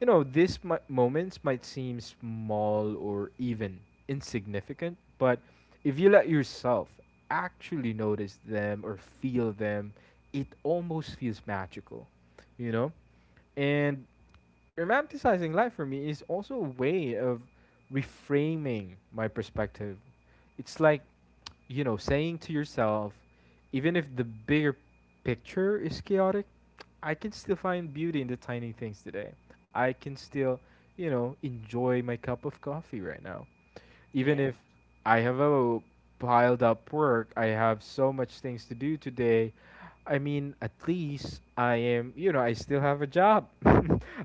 Speaker 1: you know, these mi- moments might seem small or even insignificant, but if you let yourself actually notice them or feel them, it almost feels magical, you know? And romanticizing life for me is also a way of reframing my perspective. It's like, you know, saying to yourself, even if the bigger picture is chaotic, I can still find beauty in the tiny things today. I can still, you know, enjoy my cup of coffee right now. Even
Speaker 2: Yeah.
Speaker 1: if I have a piled up work, I have so much things to do today. I mean, at least I am, you know, I still have a job.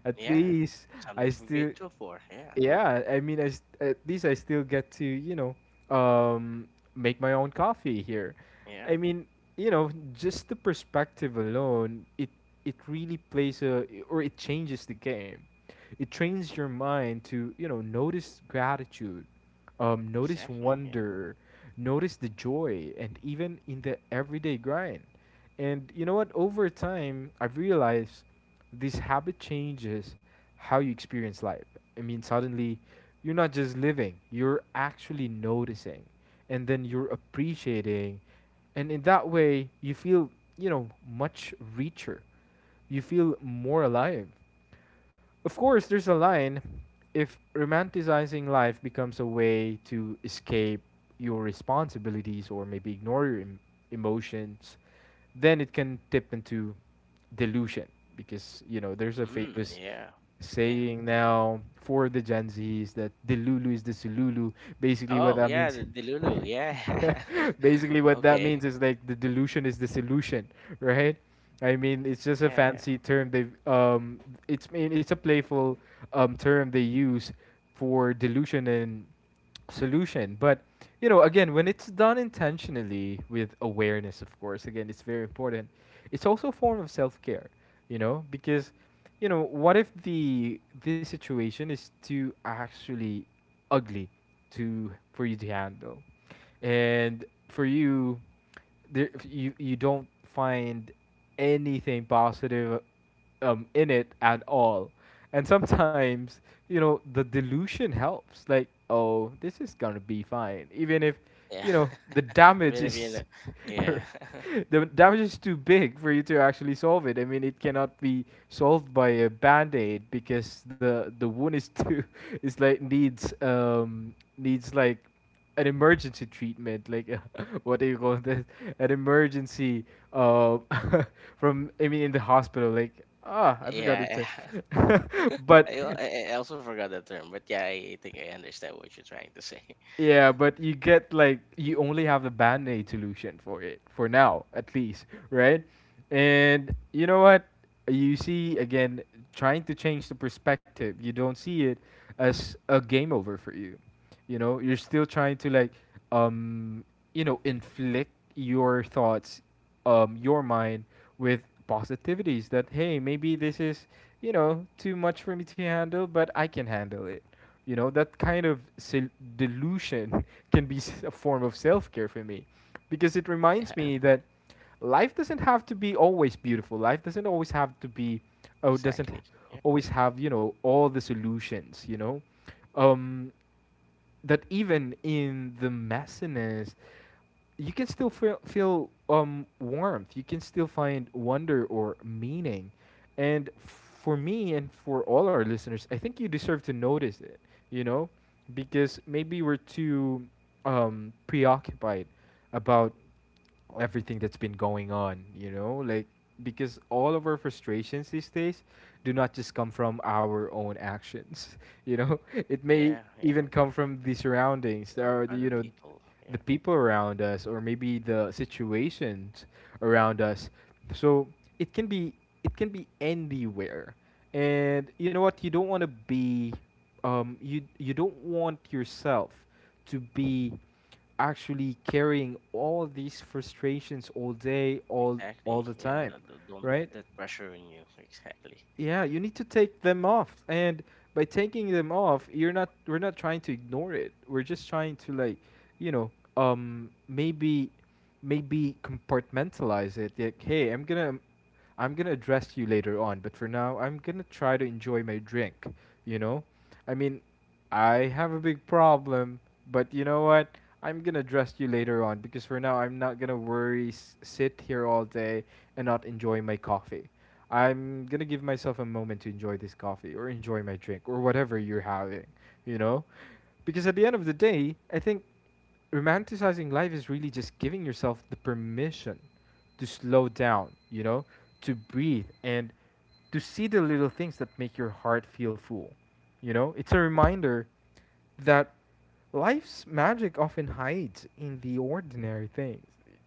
Speaker 1: At
Speaker 2: Yeah.
Speaker 1: least I
Speaker 2: Something to be
Speaker 1: still,
Speaker 2: grateful for. Yeah.
Speaker 1: yeah, I mean, I s at least I still get to, you know, um, make my own coffee here.
Speaker 2: Yeah.
Speaker 1: I mean, you know, just the perspective alone, it it really plays a or it changes the game. It trains your mind to, you know, notice gratitude, um, notice
Speaker 2: Exactly. Yeah.
Speaker 1: wonder, notice the joy, and even in the everyday grind. And you know what? Over time, I've realized this habit changes how you experience life. I mean, suddenly you're not just living, you're actually noticing, and then you're appreciating. And in that way, you feel, you know, much richer. You feel more alive. Of course, there's a line. If romanticizing life becomes a way to escape your responsibilities or maybe ignore your em- emotions, then it can tip into delusion, because, you know, there's a
Speaker 2: Mm.
Speaker 1: famous
Speaker 2: Yeah. Yeah.
Speaker 1: saying now for the Gen Zs that Delulu is the Sululu. Basically,
Speaker 2: Oh
Speaker 1: what that
Speaker 2: yeah. The,
Speaker 1: means,
Speaker 2: the Lulu. Yeah.
Speaker 1: basically what that
Speaker 2: okay.
Speaker 1: means is like the delusion is the solution, right? I mean, it's just a
Speaker 2: Yeah. Yeah.
Speaker 1: fancy term. They um, it's, I mean, it's a playful um term they use for delusion and solution. But, you know, again, when it's done intentionally with awareness, of course, again, it's very important. It's also a form of self care, you know, because, you know, what if the the situation is too actually ugly to for you to handle, and for you there, you you don't find anything positive um in it at all, and sometimes, you know, the delusion helps, like, oh, this is gonna be fine even if,
Speaker 2: Yeah.
Speaker 1: you know, the
Speaker 2: a
Speaker 1: damage
Speaker 2: bit of you know.
Speaker 1: is
Speaker 2: Yeah.
Speaker 1: the damage is too big for you to actually solve it. I mean, it cannot be solved by a band aid because the the wound is too is like needs um needs like an emergency treatment, like, uh, what do you call this? An emergency uh from, I mean, in the hospital, like, ah, I forgot the
Speaker 2: yeah.
Speaker 1: term, but
Speaker 2: I, al- I I also forgot that term, but yeah, I think I understand what you're trying to say.
Speaker 1: yeah. But you get, like, you only have the band aid solution for it for now, at least, right? And you know what? You see again trying to change the perspective. You don't see it as a game over for you. You know, you're still trying to, like, um you know, inflict your thoughts, um your mind with positivities that, hey, maybe this is, you know, too much for me to handle, but I can handle it. You know, that kind of sel- delusion can be s- a form of self care for me, because it
Speaker 2: Yeah,
Speaker 1: reminds me that life doesn't have to be always beautiful. Life doesn't always have to be, oh, doesn't
Speaker 2: exactly. Yeah,
Speaker 1: always have, you know, all the solutions, you know? Um, that even in the messiness, you can still feel, feel, um, warmth. You can still find wonder or meaning. And for me and for all our listeners, I think you deserve to notice it, you know, because maybe we're too um, preoccupied about everything that's been going on, you know? Like, because all of our frustrations these days do not just come from our own actions, you know? It may
Speaker 2: yeah, yeah.
Speaker 1: even come from the surroundings.
Speaker 2: The
Speaker 1: There
Speaker 2: o-
Speaker 1: are, the,
Speaker 2: Other
Speaker 1: you know,
Speaker 2: people. Yeah,
Speaker 1: the people around us or maybe the situations around us. So it can be, it can be anywhere. And you know what? You don't want to be, um you, you don't want yourself to be actually carrying all these frustrations all day, all all
Speaker 2: exactly.
Speaker 1: the
Speaker 2: Yeah,
Speaker 1: time,
Speaker 2: don't, don't don't
Speaker 1: right?
Speaker 2: put that pressure on you. Exactly.
Speaker 1: Yeah, you need to take them off. And by taking them off, you're not we're not trying to ignore it. We're just trying to, like, you know, um maybe, maybe compartmentalize it. Like, hey, I'm gonna I'm gonna address you later on, but for now, I'm gonna try to enjoy my drink. You know, I mean, I have a big problem, but you know what? I'm gonna address you later on because for now, I'm not gonna worry, s- sit here all day, and not enjoy my coffee. I'm gonna give myself a moment to enjoy this coffee or enjoy my drink or whatever you're having, you know? Because at the end of the day, I think romanticizing life is really just giving yourself the permission to slow down, you know, to breathe and to see the little things that make your heart feel full. You know, it's a reminder that life's magic often hides in the ordinary things.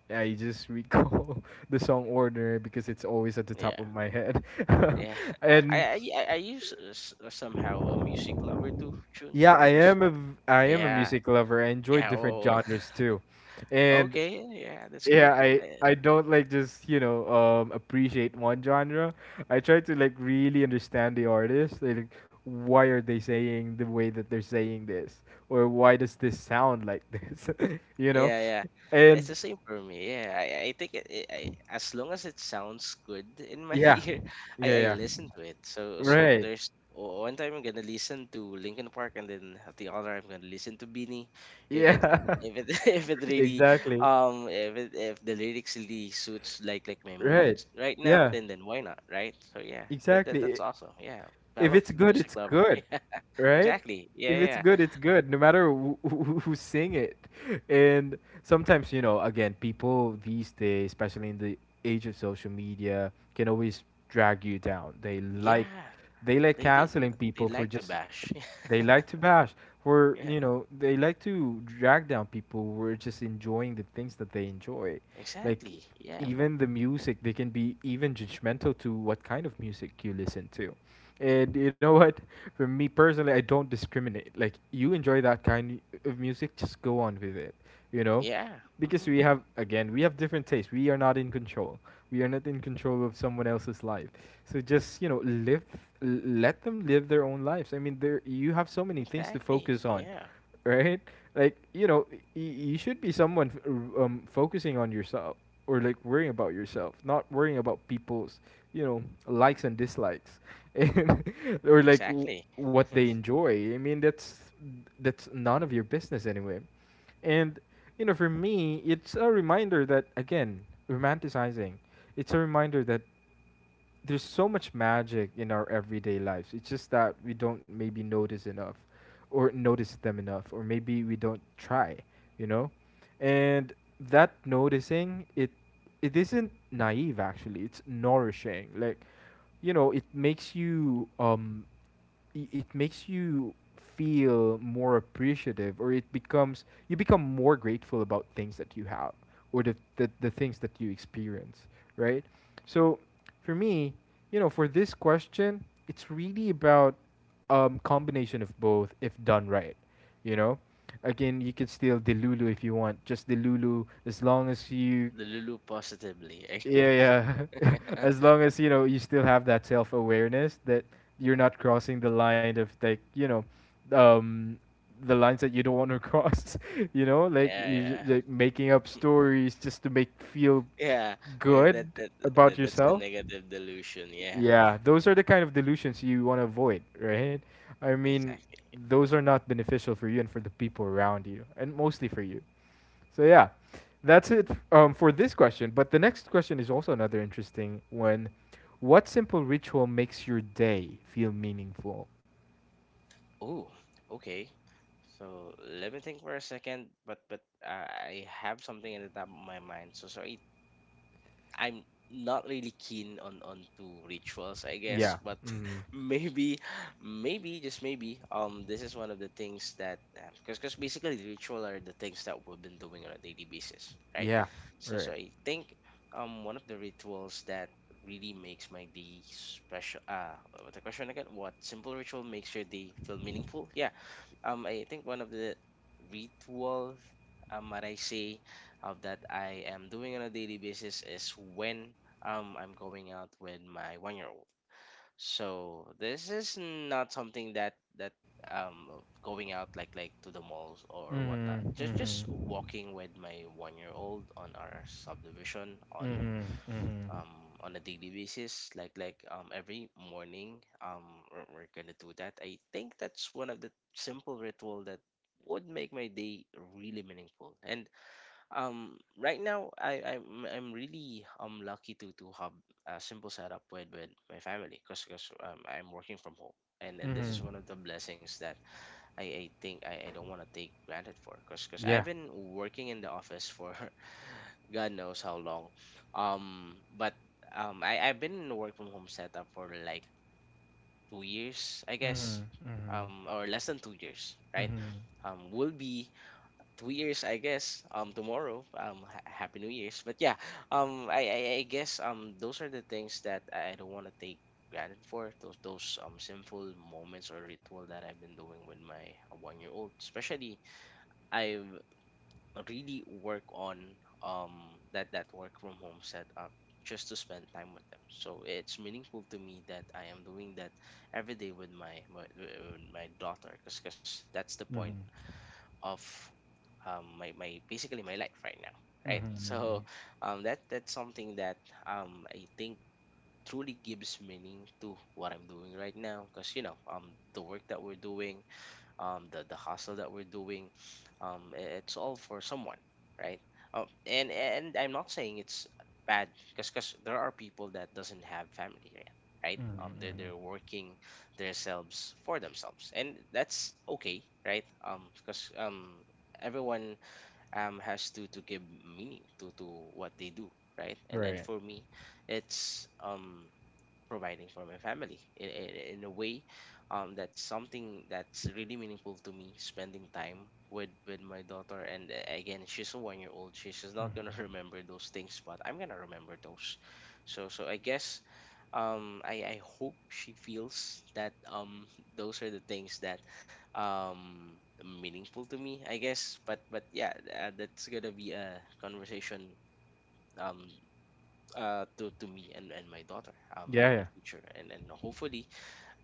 Speaker 1: I just recall the song Ordinary because it's always at the
Speaker 2: Yeah,
Speaker 1: top of my head.
Speaker 2: yeah. I
Speaker 1: And
Speaker 2: I I I use uh, s- uh, somehow a music lover too, Chun,
Speaker 1: yeah, I
Speaker 2: cause, 'cause-
Speaker 1: am a v- I am a
Speaker 2: yeah,
Speaker 1: music lover. I enjoy
Speaker 2: yeah.
Speaker 1: different
Speaker 2: Oh,
Speaker 1: genres too, and
Speaker 2: okay. Yeah, that's
Speaker 1: yeah,
Speaker 2: cool.
Speaker 1: I I don't like just, you know, um appreciate one genre. I try to like really understand the artist. Like, why are they saying the way that they're saying this, or why does this sound like this? You know,
Speaker 2: Yeah, yeah. It's
Speaker 1: and
Speaker 2: the same for me. Yeah, I, I think it, it, I, as long as it sounds good in my
Speaker 1: yeah,
Speaker 2: ear,
Speaker 1: yeah,
Speaker 2: I, I
Speaker 1: yeah,
Speaker 2: listen to it. So so
Speaker 1: right,
Speaker 2: there's o- one time I'm gonna listen to Linkin Park, and then at the other I'm gonna listen to Beanie. If it
Speaker 1: yeah.
Speaker 2: if it if it really
Speaker 1: Exactly.
Speaker 2: um if it if the lyrics really suits like like my mood
Speaker 1: Right.
Speaker 2: right now,
Speaker 1: Yeah,
Speaker 2: then then why not, right? So yeah, that, that
Speaker 1: exactly.
Speaker 2: that's awesome. Yeah,
Speaker 1: If
Speaker 2: fellow
Speaker 1: it's good, it's
Speaker 2: music lover.
Speaker 1: good,
Speaker 2: Yeah,
Speaker 1: right?
Speaker 2: exactly.
Speaker 1: If it's
Speaker 2: Yeah,
Speaker 1: good, it's good, no matter who, who, who sing it. And sometimes, you know, again, people these days, especially in the age of social media, can always drag you down. They
Speaker 2: yeah,
Speaker 1: like,
Speaker 2: yeah.
Speaker 1: they like
Speaker 2: They they
Speaker 1: canceling people
Speaker 2: they
Speaker 1: for
Speaker 2: like to
Speaker 1: just
Speaker 2: bash.
Speaker 1: they like to bash. Where,
Speaker 2: Yeah,
Speaker 1: you know, they like to drag down people who are just enjoying the things that they enjoy, like
Speaker 2: exactly. Yeah,
Speaker 1: even the music. They can be even judgmental to what kind of music you listen to. And you know what? For me personally, I don't discriminate. Like, you enjoy that kind of music, just go on with it. You know,
Speaker 2: yeah.
Speaker 1: because
Speaker 2: Hmm.
Speaker 1: we have again we have different tastes. We are not in control. We are not in control of someone else's life. So just, you know, live, l- let them live their own lives. I mean, there you have so many things to
Speaker 2: Exactly.
Speaker 1: focus on,
Speaker 2: Yeah,
Speaker 1: right? Like, you know, y- you should be someone f- r- um, focusing on yourself or like worrying about yourself, not worrying about people's, you know, likes and dislikes, and or like w-
Speaker 2: exactly.
Speaker 1: what they enjoy. I mean, that's that's none of your business anyway. And, you know, for me, it's a reminder that again, romanticizing. It's a reminder that there's so much magic in our everyday lives. It's just that we don't maybe notice enough or notice them enough or maybe we don't try, you know and that noticing it, it isn't naive, actually it's nourishing. Like, you know it makes you, um i- it makes you feel more appreciative, or it becomes, you become more grateful about things that you have, or the, the, the things that you experience, right? So for me, you know, for this question, it's really about um combination of both if done right, you know. Again, you can steal the lulu if you want, just the lulu, as long as you,
Speaker 2: The Lulu positively, I guess.
Speaker 1: yeah. Yeah, as long as you know you still have that self-awareness that you're not crossing the line of, like, you know, um the lines that you don't want to cross, you know, like
Speaker 2: Yeah,
Speaker 1: you ju-
Speaker 2: yeah,
Speaker 1: like making up stories just to make feel
Speaker 2: yeah.
Speaker 1: good
Speaker 2: That, that
Speaker 1: about
Speaker 2: that that's the
Speaker 1: yourself.
Speaker 2: negative delusion. Yeah,
Speaker 1: Yeah, those are the kind of delusions you want to avoid, right? I mean,
Speaker 2: exactly.
Speaker 1: those are not beneficial for you and for the people around you, and mostly for you. So yeah, that's it um, for this question. But the next question is also another interesting one. What simple ritual makes your day feel meaningful?
Speaker 2: Oh, okay. So let me think for a second, but but uh, I have something in the top of my mind. So sorry, I'm not really keen on on to rituals, I guess,
Speaker 1: Yeah.
Speaker 2: but
Speaker 1: Mm-hmm.
Speaker 2: maybe maybe just maybe um this is one of the things that because because basically ritual are the things that we've been doing on a daily basis, right?
Speaker 1: Yeah.
Speaker 2: So so
Speaker 1: Right.
Speaker 2: I think um one of the rituals that really makes my day special. Uh the question again, what simple ritual makes your day feel meaningful? Yeah, um, I think one of the rituals, um, what I say of that I am doing on a daily basis is when um I'm going out with my one year old. So this is not something that that um going out like like to the malls or whatnot.
Speaker 1: Mm-hmm.
Speaker 2: Just
Speaker 1: Mm-hmm.
Speaker 2: just walking with my one year old on our subdivision on
Speaker 1: Mm-hmm. Mm-hmm.
Speaker 2: um on a daily basis, like like um every morning, um we're, we're gonna do that. I think that's one of the simple ritual that would make my day really meaningful. And um Right now, i i'm, I'm really um lucky to to have a simple setup with with my family, because because um, I'm working from home, and and this
Speaker 1: Mm-hmm.
Speaker 2: is one of the blessings that I, I think I, I don't want to take granted for, because because
Speaker 1: Yeah.
Speaker 2: I've been working in the office for God knows how long. Um, but um, I, I've been in a work from home setup for like two years, I guess,
Speaker 1: Mm-hmm. Mm-hmm.
Speaker 2: um, or less than two years, right?
Speaker 1: Mm-hmm.
Speaker 2: Um, will be two years, i guess, um tomorrow. Um ha- happy new year's. But yeah, um I, I i guess um those are the things that I don't want to take granted for, those those um simple moments or ritual that I've been doing with my one year old, especially. I've really work on um that that work from home setup just to spend time with them, so it's meaningful to me that I am doing that every day with my my, with my daughter, because that's the
Speaker 1: Mm-hmm.
Speaker 2: point
Speaker 1: Mm-hmm.
Speaker 2: of um, my, my basically my life right now, right?
Speaker 1: Mm-hmm,
Speaker 2: So
Speaker 1: mm-hmm.
Speaker 2: um, that that's something that um, I think truly gives meaning to what I'm doing right now, because you know, um, the work that we're doing, um, the, the hustle that we're doing, um, i- it's all for someone, right? Um, and and I'm not saying it's bad, because there are people that doesn't have family yet, right?
Speaker 1: Mhm,
Speaker 2: Um they
Speaker 1: mhm.
Speaker 2: they're working themselves for themselves, and that's okay, right? um because um everyone um has to to give meaning to to what they do, right? And and
Speaker 1: Right.
Speaker 2: for me, it's um providing for my family, in, in, in a way. Um, that's something that's really meaningful to me, spending time with with my daughter. And uh, again, she's a one year old. She's just not
Speaker 1: Mhm.
Speaker 2: gonna remember those things, but I'm gonna remember those. So so I guess um, I, I hope she feels that um, those are the things that um, meaningful to me, I guess. But but yeah, uh, that's gonna be a conversation um, uh, to to me and, and my daughter um
Speaker 1: Yeah,
Speaker 2: in the
Speaker 1: yeah.
Speaker 2: future, and and hopefully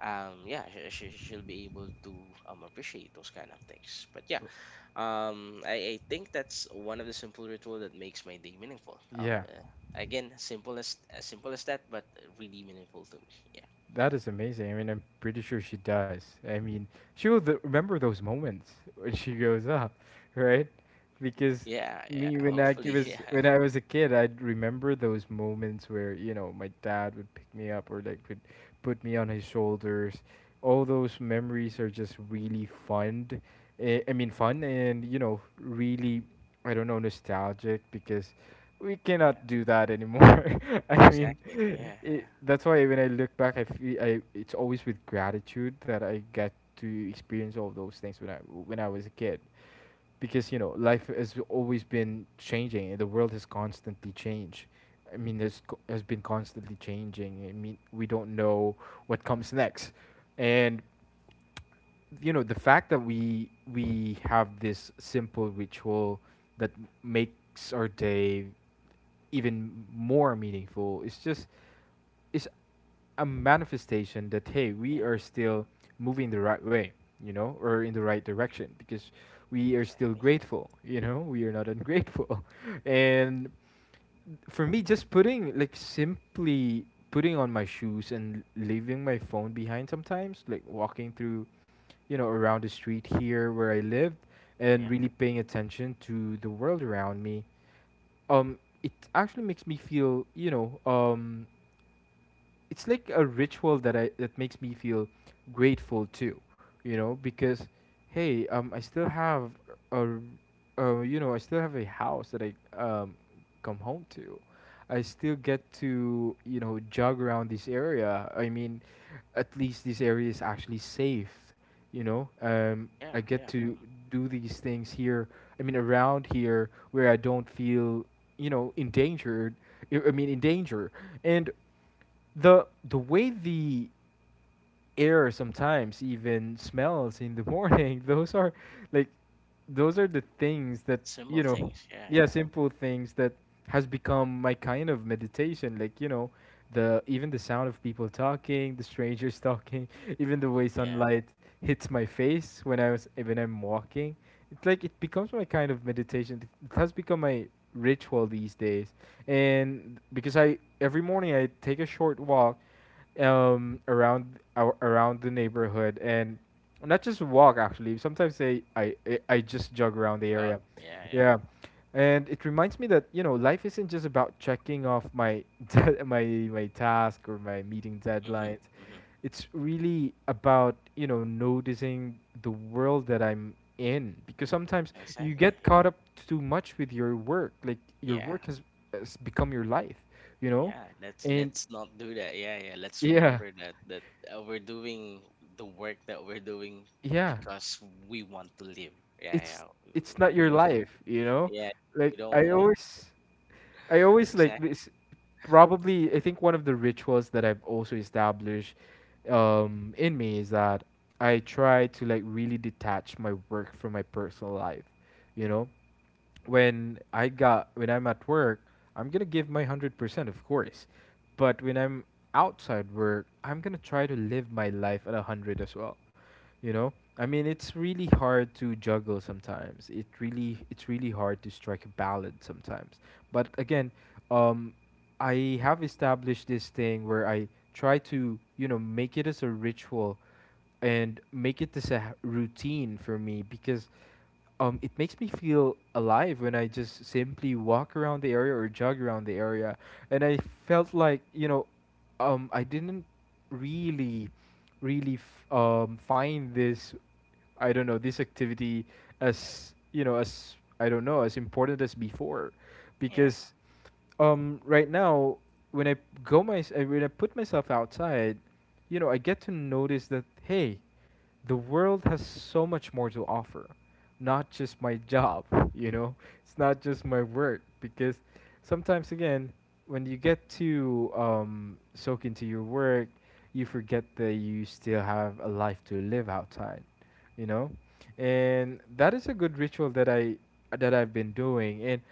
Speaker 2: um yeah, she, she, she'll be able to um appreciate those kind of things. But yeah, um I, I think that's one of the simple ritual that makes my day meaningful.
Speaker 1: Yeah.
Speaker 2: Um uh, again, simple as as simple as that, but really meaningful to me. Yeah,
Speaker 1: That is amazing. I mean, I'm pretty sure she does. I mean, she will th- remember those moments when she grows up, right? Because
Speaker 2: yeah, yeah,
Speaker 1: me when I ki-
Speaker 2: hopefully.
Speaker 1: was
Speaker 2: Yeah,
Speaker 1: when I was a kid, I'd remember those moments where, you know, my dad would pick me up, or like would put me on his shoulders. All those memories are just really fun. eh, I mean, fun and, you know, really, I don't know, nostalgic, because we cannot
Speaker 2: yeah,
Speaker 1: do that anymore. I mean,
Speaker 2: exactly. Yeah, yeah,
Speaker 1: it, that's why when I look back, I feel, I it's always with gratitude that I get to experience all those things when I when I was a kid, because you know life has always been changing and the world has constantly changed. I mean, there's co- has been constantly changing. I mean, we don't know what comes next, and you know the fact that we we have this simple ritual that makes our day even more meaningful. It's just, it's a manifestation that hey, we
Speaker 2: yeah.
Speaker 1: are still
Speaker 2: Mhm.
Speaker 1: moving the right way, you know, or in the right direction, because we are still
Speaker 2: Exactly. Yeah,
Speaker 1: grateful, you know, we are not ungrateful. And for me, just putting, like simply putting on my shoes and leaving my phone behind sometimes, like walking through, you know, around the street here where I lived, and
Speaker 2: yeah,
Speaker 1: really paying attention to the world around me. Um it actually makes me feel, you know, um it's like a ritual that I that makes me feel grateful too, you know, because hey, um, I still have a, r- uh, you know, I still have a house that I um come home to. I still get to you know jog around this area. I mean, at least this area is actually safe. You know, um, I
Speaker 2: yeah,
Speaker 1: get
Speaker 2: yeah.
Speaker 1: to
Speaker 2: Hmm.
Speaker 1: do these things here. I mean, around here where I don't feel you know endangered. I I mean, in danger, and the the way the air sometimes even smells in the morning, those are like, those are the things that, you
Speaker 2: Simple
Speaker 1: know.
Speaker 2: things, yeah,
Speaker 1: Yeah,
Speaker 2: yeah.
Speaker 1: simple
Speaker 2: Mhm.
Speaker 1: things that has become my kind of meditation, like you know, the, even the sound of people talking, the strangers talking, even the way
Speaker 2: Yeah.
Speaker 1: sunlight hits my face when I was when I'm walking. It's like it becomes my kind of meditation, it has become my ritual these days. And because I every morning I take a short walk um around our around the neighborhood, and not just walk, actually sometimes they I, I I just jog around the
Speaker 2: Jog,
Speaker 1: area.
Speaker 2: yeah, yeah.
Speaker 1: Yeah. And it reminds me that you know life isn't just about checking off my dead my my task or my meeting
Speaker 2: Mhm,
Speaker 1: deadlines.
Speaker 2: mhm.
Speaker 1: It's really about you know noticing the world that I'm in, because sometimes you
Speaker 2: Exactly.
Speaker 1: get caught
Speaker 2: Yeah.
Speaker 1: up too much with your work, like your
Speaker 2: Yeah.
Speaker 1: work has, has become your life, you know.
Speaker 2: Yeah. Let's
Speaker 1: And
Speaker 2: let's not do that. Yeah, yeah. Let's
Speaker 1: yeah,
Speaker 2: remember that that uh, we're doing the work that we're doing
Speaker 1: yeah,
Speaker 2: because we want to live. Yeah,
Speaker 1: it's
Speaker 2: yeah.
Speaker 1: it's
Speaker 2: w-
Speaker 1: not
Speaker 2: We
Speaker 1: your
Speaker 2: don't.
Speaker 1: life, you know.
Speaker 2: Yeah,
Speaker 1: Like,
Speaker 2: we
Speaker 1: i
Speaker 2: don't need.
Speaker 1: always I always like
Speaker 2: Exactly.
Speaker 1: this. Probably, I think, one of the rituals that I've also established um in me is that I try to like really detach my work from my personal life, you know. When I got when I'm at work, I'm gonna give my a hundred percent, of course. But when I'm outside work, I'm gonna try to live my life at a hundred as well. You know, I mean, it's really hard to juggle sometimes. It really, it's really hard to strike a balance sometimes. But again, um, I have established this thing where I try to, you know, make it as a ritual and make it as a ha- routine for me, because um, it makes me feel alive when I just simply walk around the area or jog around the area. And I felt like, you know, um, I didn't really, really f- um, find this, I don't know, this activity as, you know, as, I don't know, as important as before.
Speaker 2: Yeah.
Speaker 1: Because um, right now, when I go my, uh, when I put myself outside, you know, I get to notice that, hey, the world has so much more to offer, not just my job, you know. It's not just my work, because sometimes again, when you get to um, soak into your work, you forget that you still have a life to live outside, you know. And that is a good ritual that i that I've been doing. And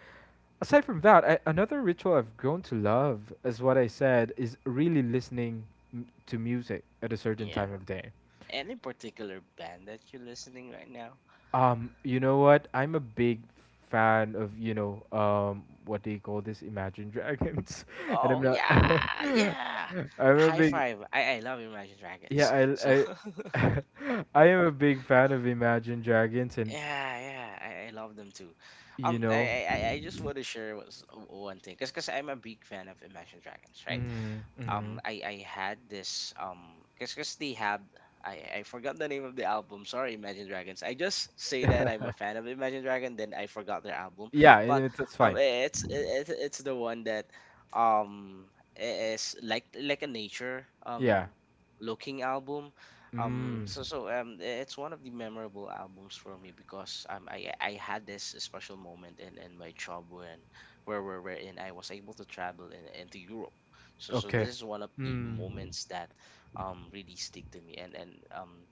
Speaker 1: aside from that, I, another ritual I've grown to love, as what I said, is really listening m- to music at a certain
Speaker 2: Yeah.
Speaker 1: time of day.
Speaker 2: Any particular band that you're listening right now?
Speaker 1: um, you know what? I'm a big fan of, you know, um, what do you call this, Imagine Dragons? And I'm
Speaker 2: Oh
Speaker 1: not
Speaker 2: yeah, yeah.
Speaker 1: I'm a
Speaker 2: High
Speaker 1: big,
Speaker 2: five. I I love Imagine
Speaker 1: yeah,
Speaker 2: Dragons. So
Speaker 1: I I I am a big fan of Imagine Dragons. And
Speaker 2: yeah, yeah, I, I love them too.
Speaker 1: you
Speaker 2: Um, I
Speaker 1: know,
Speaker 2: I, I I just want to share was one thing, cause, cause I'm a big fan of Imagine Dragons, right?
Speaker 1: mm,
Speaker 2: um
Speaker 1: mm.
Speaker 2: I I had this um cause cause they have. I I forgot the name of the album. Sorry, Imagine Dragons. I just say that I'm a fan of Imagine Dragon, then I forgot their album.
Speaker 1: Yeah, and
Speaker 2: But
Speaker 1: it's that's
Speaker 2: um
Speaker 1: fine.
Speaker 2: it's it's it, it's the one that um i- is like like a nature
Speaker 1: Yeah.
Speaker 2: um looking album. Um
Speaker 1: Mm.
Speaker 2: so so um i- it's one of the memorable albums for me, because um I I had this special moment in in my job, when where where wherein I was able to travel in, into Europe. So so this
Speaker 1: Okay.
Speaker 2: is one of the
Speaker 1: Mm.
Speaker 2: moments that um really stick to me. And and um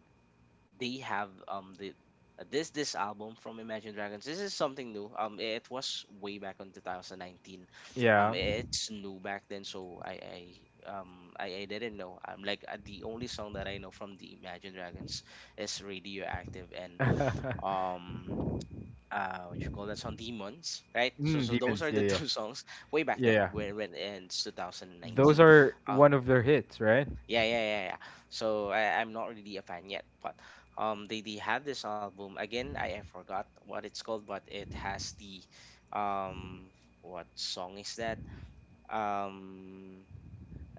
Speaker 2: they have um the uh, this this album from Imagine Dragons. This is something new. Um it was way back in twenty nineteen. Um
Speaker 1: Yeah.
Speaker 2: it's new back then, so I I, um I, I didn't know. I'm like, uh, the only song that I know from the Imagine Dragons is Radioactive, and
Speaker 1: mm,
Speaker 2: um uh what you call that song, Demons, right? So so those
Speaker 1: demons.
Speaker 2: are
Speaker 1: Yeah,
Speaker 2: the
Speaker 1: yeah.
Speaker 2: two songs way back
Speaker 1: Yeah,
Speaker 2: then,
Speaker 1: yeah.
Speaker 2: when when and it's
Speaker 1: Those
Speaker 2: two thousand nineteen.
Speaker 1: are one of their hits, right?
Speaker 2: Yeah, yeah, yeah, yeah. So I, I'm not really a fan yet, but um, they they had this album again. I, I forgot what it's called, but it has the... um, what song is that? Um,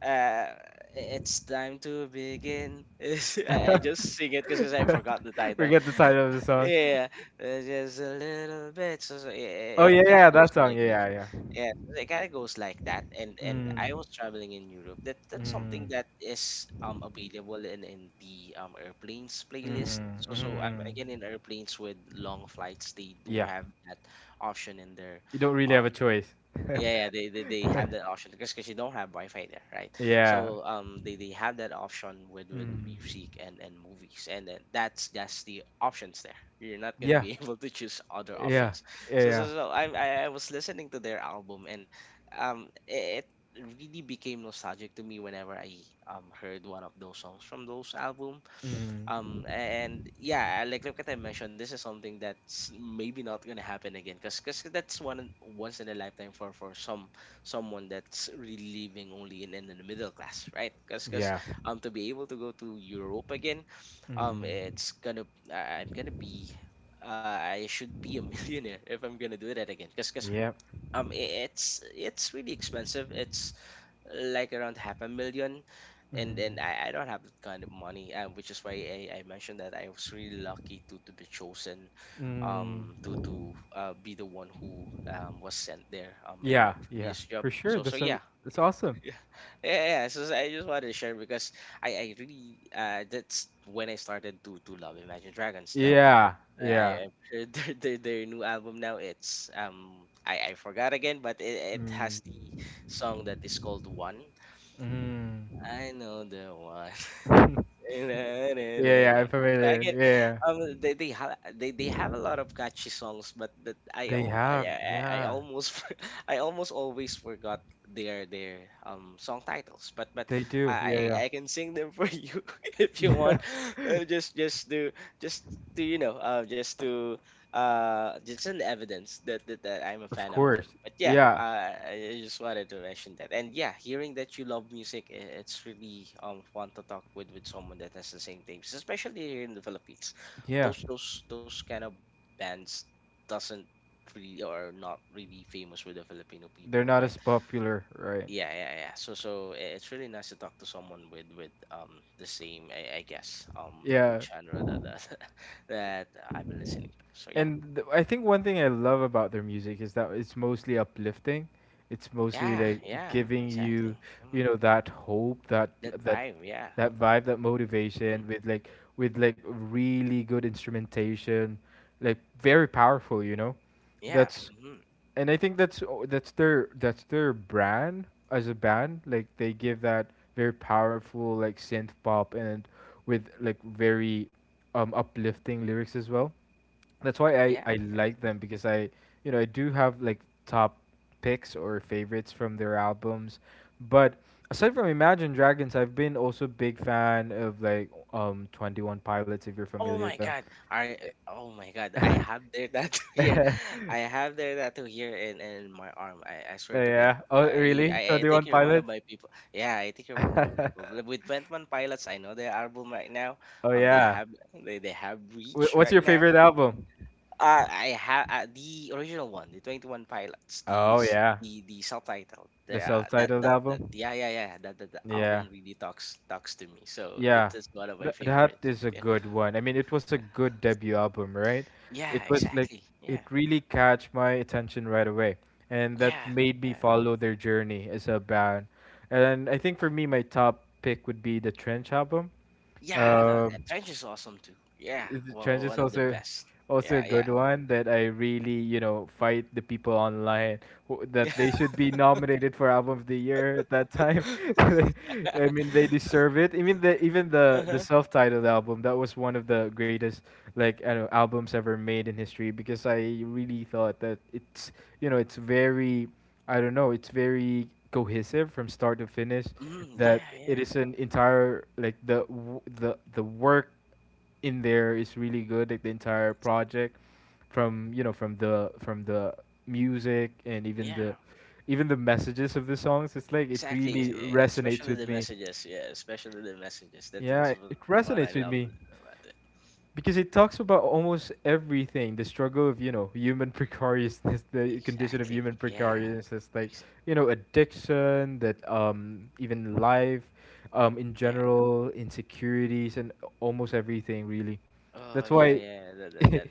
Speaker 2: uh, it's time to begin. I, I just sing it because I forgot the title.
Speaker 1: Forget the title of the song.
Speaker 2: Yeah, uh, just a little bit. So, so it,
Speaker 1: Oh
Speaker 2: it
Speaker 1: yeah,
Speaker 2: kind of
Speaker 1: yeah,
Speaker 2: goes
Speaker 1: that song.
Speaker 2: like
Speaker 1: Yeah,
Speaker 2: that.
Speaker 1: yeah, yeah.
Speaker 2: Yeah, so it kind of goes like that. And and I
Speaker 1: Mm,
Speaker 2: was traveling in Europe. That that's
Speaker 1: mm,
Speaker 2: something that is um available in in the um airplanes playlist.
Speaker 1: mm,
Speaker 2: So so um,
Speaker 1: mm.
Speaker 2: again, in airplanes with long flights, they do
Speaker 1: Yeah,
Speaker 2: have that option in there.
Speaker 1: you don't really
Speaker 2: um,
Speaker 1: have a choice.
Speaker 2: yeah, yeah, they, they, they have that option because because you don't have Wi-Fi there, right?
Speaker 1: yeah.
Speaker 2: So um, they, they have that option with with the
Speaker 1: Mm.
Speaker 2: music and and movies, and then that's that's the options there. You're not gonna
Speaker 1: Yeah.
Speaker 2: be able to choose other
Speaker 1: Yeah.
Speaker 2: options.
Speaker 1: Yeah.
Speaker 2: So
Speaker 1: Yeah.
Speaker 2: so so I I I was listening to their album. And um it really became nostalgic to me whenever I um heard one of those songs from those album.
Speaker 1: Mm.
Speaker 2: Um and yeah, like like what I mentioned, this is something that's maybe not gonna happen again, because cause 'cause that's one once in a lifetime for for some someone that's really living only in in the middle class, right? Because cause
Speaker 1: Yeah.
Speaker 2: 'cause, um to be able to go to Europe again, um
Speaker 1: Mm.
Speaker 2: it's gonna... I- i'm gonna be, uh, I should be a millionaire if I'm gonna do that again, because cause 'cause,
Speaker 1: Yep.
Speaker 2: um i- it's it's really expensive. It's like around half a million, and
Speaker 1: Mm.
Speaker 2: then I, I don't have that kind of money, uh, which is why I, I mentioned that I was really lucky to to be chosen
Speaker 1: Mm.
Speaker 2: um to to uh, be the one who um, was sent there um in my
Speaker 1: Yeah. Yeah.
Speaker 2: previous job.
Speaker 1: For sure.
Speaker 2: So so
Speaker 1: That's a,
Speaker 2: yeah.
Speaker 1: that's awesome.
Speaker 2: Yeah, yeah, yeah, yeah. so so I just wanted to share, because I I really uh that's when I started to to love Imagine Dragons now.
Speaker 1: Yeah.
Speaker 2: i
Speaker 1: Yeah.
Speaker 2: i've heard their, their, their new album now. It's um i I forgot again, but it, it has the
Speaker 1: Mm.
Speaker 2: song that is called One.
Speaker 1: Mm.
Speaker 2: I know the one.
Speaker 1: yeah. Yeah. I'm
Speaker 2: So I
Speaker 1: familiar.
Speaker 2: get.
Speaker 1: Yeah.
Speaker 2: um
Speaker 1: Yeah.
Speaker 2: they they have they, they have a lot of catchy songs, but that I
Speaker 1: They
Speaker 2: al- I,
Speaker 1: have,
Speaker 2: I I
Speaker 1: yeah,
Speaker 2: almost for- I almost always forgot their their um song titles. But but
Speaker 1: they do.
Speaker 2: I
Speaker 1: Yeah,
Speaker 2: I I can sing them for you if you want.
Speaker 1: yeah.
Speaker 2: Uh, just just to just to you know uh just to uh it's an evidence that, that that I'm a
Speaker 1: Of
Speaker 2: fan of them.
Speaker 1: course.
Speaker 2: But yeah,
Speaker 1: Yeah,
Speaker 2: uh, i I just wanted to mention that. And yeah, hearing that you love music, i- it's really um fun to talk with with someone that has the same things, especially here in the Philippines.
Speaker 1: yeah.
Speaker 2: Those those those kind of bands doesn't really, or not really famous with the Filipino
Speaker 1: They're
Speaker 2: people,
Speaker 1: not
Speaker 2: right?
Speaker 1: as popular, right?
Speaker 2: Yeah, yeah, yeah. So so i- it's really nice to talk to someone with with um the same, i, I guess, um
Speaker 1: Yeah.
Speaker 2: genre that that, that I've been listening to. So yeah.
Speaker 1: And th- I think one thing I love about their music is that it's mostly uplifting. It's mostly
Speaker 2: Yeah,
Speaker 1: like
Speaker 2: yeah,
Speaker 1: giving you,
Speaker 2: exactly.
Speaker 1: you
Speaker 2: Mm,
Speaker 1: know, that hope, that,
Speaker 2: that
Speaker 1: that
Speaker 2: vibe, yeah.
Speaker 1: that vibe, that
Speaker 2: Hmm.
Speaker 1: motivation with like, with like really good instrumentation, like very powerful, you know?
Speaker 2: Yeah.
Speaker 1: That's
Speaker 2: Hmm,
Speaker 1: And I think that's o- that's their, that's their brand as a band. Like, they give that very powerful, like synth pop, and with like very um uplifting lyrics as well. That's why I
Speaker 2: yeah,
Speaker 1: I
Speaker 2: yeah.
Speaker 1: like them,
Speaker 2: Mhm.
Speaker 1: because I you know I do have like top picks or favorites from their albums, but aside from Imagine Dragons, I've been also big fan of like um Twenty One Pilots, if you're
Speaker 2: Oh
Speaker 1: familiar with
Speaker 2: my
Speaker 1: them.
Speaker 2: God, I oh my God, I have their tattoo here. I have their tattoo here in in my arm. I, I swear to God,
Speaker 1: yeah. Oh
Speaker 2: I,
Speaker 1: really?
Speaker 2: I I
Speaker 1: Twenty
Speaker 2: think
Speaker 1: One
Speaker 2: you're one of
Speaker 1: Pilots.
Speaker 2: my people. Yeah, I think you're one of my people. Li- With Twenty One Pilots, I know their album right now.
Speaker 1: Oh
Speaker 2: Um, they
Speaker 1: yeah.
Speaker 2: have they they have
Speaker 1: Wh-
Speaker 2: Reach
Speaker 1: What's
Speaker 2: right
Speaker 1: your
Speaker 2: now.
Speaker 1: favorite album?
Speaker 2: Uh, I have uh, the original one, the Twenty One Pilots, the
Speaker 1: Oh
Speaker 2: s-
Speaker 1: yeah,
Speaker 2: the the subtitle, the
Speaker 1: the
Speaker 2: uh, that,
Speaker 1: self-titled
Speaker 2: that that
Speaker 1: album.
Speaker 2: yeah, yeah, yeah, that, that the
Speaker 1: Yeah,
Speaker 2: album really talks talks to me. So that
Speaker 1: yeah,
Speaker 2: is one of my
Speaker 1: Th- that
Speaker 2: favorites.
Speaker 1: is a
Speaker 2: Yeah,
Speaker 1: good one. I mean, it was a good debut album, right? It
Speaker 2: yeah,
Speaker 1: was like,
Speaker 2: exactly. Yeah,
Speaker 1: it really catch my attention right away, and that
Speaker 2: yeah,
Speaker 1: made me
Speaker 2: yeah,
Speaker 1: follow their journey as a band. And I think for me, my top pick would be the Trench album.
Speaker 2: yeah. That,
Speaker 1: Um,
Speaker 2: that Trench is awesome too. Yeah,
Speaker 1: is- trends
Speaker 2: well,
Speaker 1: is
Speaker 2: one of the
Speaker 1: also,
Speaker 2: best.
Speaker 1: also a
Speaker 2: Yeah,
Speaker 1: good
Speaker 2: yeah,
Speaker 1: one that I really you know fight the people online who-
Speaker 2: yeah.
Speaker 1: that they should be nominated for album of the year at that time. I mean, they deserve it. Even the, even the the
Speaker 2: Uh-huh.
Speaker 1: self-titled album, that was one of the greatest, like I don't know, albums ever made in history, because I really thought that it's you know it's very, I don't know, it's very cohesive from start to finish,
Speaker 2: Mm,
Speaker 1: that
Speaker 2: yeah,
Speaker 1: it
Speaker 2: yeah,
Speaker 1: is an entire, like the w- the the work in there is really good, like the entire project from you know from the from the music and even the,
Speaker 2: yeah.
Speaker 1: even the messages of the songs, it's like it
Speaker 2: Exactly, es-
Speaker 1: really
Speaker 2: eh,
Speaker 1: resonates
Speaker 2: especially
Speaker 1: with
Speaker 2: the
Speaker 1: me.
Speaker 2: messages. Yeah, especially the messages. That
Speaker 1: Yeah,
Speaker 2: that's what
Speaker 1: it
Speaker 2: what I
Speaker 1: resonates with
Speaker 2: love
Speaker 1: me
Speaker 2: about it.
Speaker 1: because it talks about almost everything, the struggle of, you know, human precariousness, the condition of
Speaker 2: Exactly.
Speaker 1: human
Speaker 2: Yeah.
Speaker 1: precariousness, like
Speaker 2: Ex-
Speaker 1: you know addiction, that um even life um in
Speaker 2: Yeah.
Speaker 1: general, insecurities, and almost everything really.
Speaker 2: Oh
Speaker 1: That's
Speaker 2: yeah,
Speaker 1: why,
Speaker 2: yeah. That that that,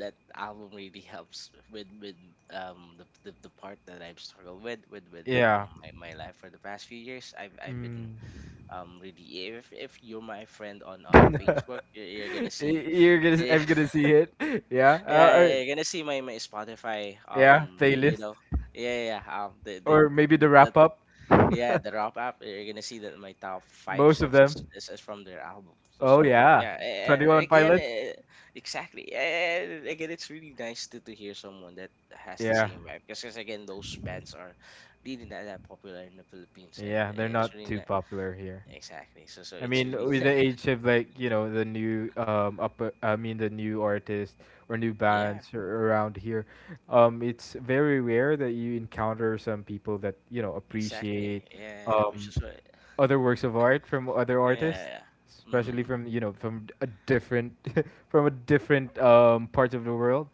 Speaker 2: That album really helps with with um the, the the part that I've struggled with with with um
Speaker 1: yeah.
Speaker 2: my, my life for the past few years. I've I've been
Speaker 1: Mm.
Speaker 2: um really... if If you're my friend on on
Speaker 1: Y-
Speaker 2: Facebook, you're, you're gonna see.
Speaker 1: you're gonna, i
Speaker 2: Yeah,
Speaker 1: I'm gonna see it, yeah. uh, uh,
Speaker 2: yeah, you're gonna see my, my Spotify.
Speaker 1: yeah,
Speaker 2: Um, y- you
Speaker 1: playlist
Speaker 2: know, yeah, yeah. Yeah. Um, the, the
Speaker 1: or maybe the
Speaker 2: the the
Speaker 1: wrap up.
Speaker 2: Yeah, the wrap up. You're gonna see that my top five
Speaker 1: Most of
Speaker 2: songs is,
Speaker 1: them.
Speaker 2: is, is from their album. So
Speaker 1: Oh
Speaker 2: so
Speaker 1: yeah,
Speaker 2: yeah,
Speaker 1: Twenty
Speaker 2: and
Speaker 1: One
Speaker 2: again,
Speaker 1: Pilots.
Speaker 2: eh, exactly. And again, it's really nice to to hear someone that has the
Speaker 1: Yeah,
Speaker 2: same vibe. Because again, those bands are really not that popular in the Philippines, and
Speaker 1: yeah, they're
Speaker 2: it's
Speaker 1: not too
Speaker 2: really not.
Speaker 1: popular here.
Speaker 2: Exactly. So so
Speaker 1: I
Speaker 2: it's
Speaker 1: mean,
Speaker 2: really...
Speaker 1: with the age of like you know the new um up, uh, I mean the new artists or new
Speaker 2: Yeah,
Speaker 1: bands ar- around here, um, it's very rare that you encounter some people that you know
Speaker 2: exactly.
Speaker 1: appreciate
Speaker 2: Yeah, which
Speaker 1: um
Speaker 2: is what.
Speaker 1: other works of art from other artists,
Speaker 2: Yeah, mm-hmm,
Speaker 1: especially from you know from a different, from a different um parts of the world.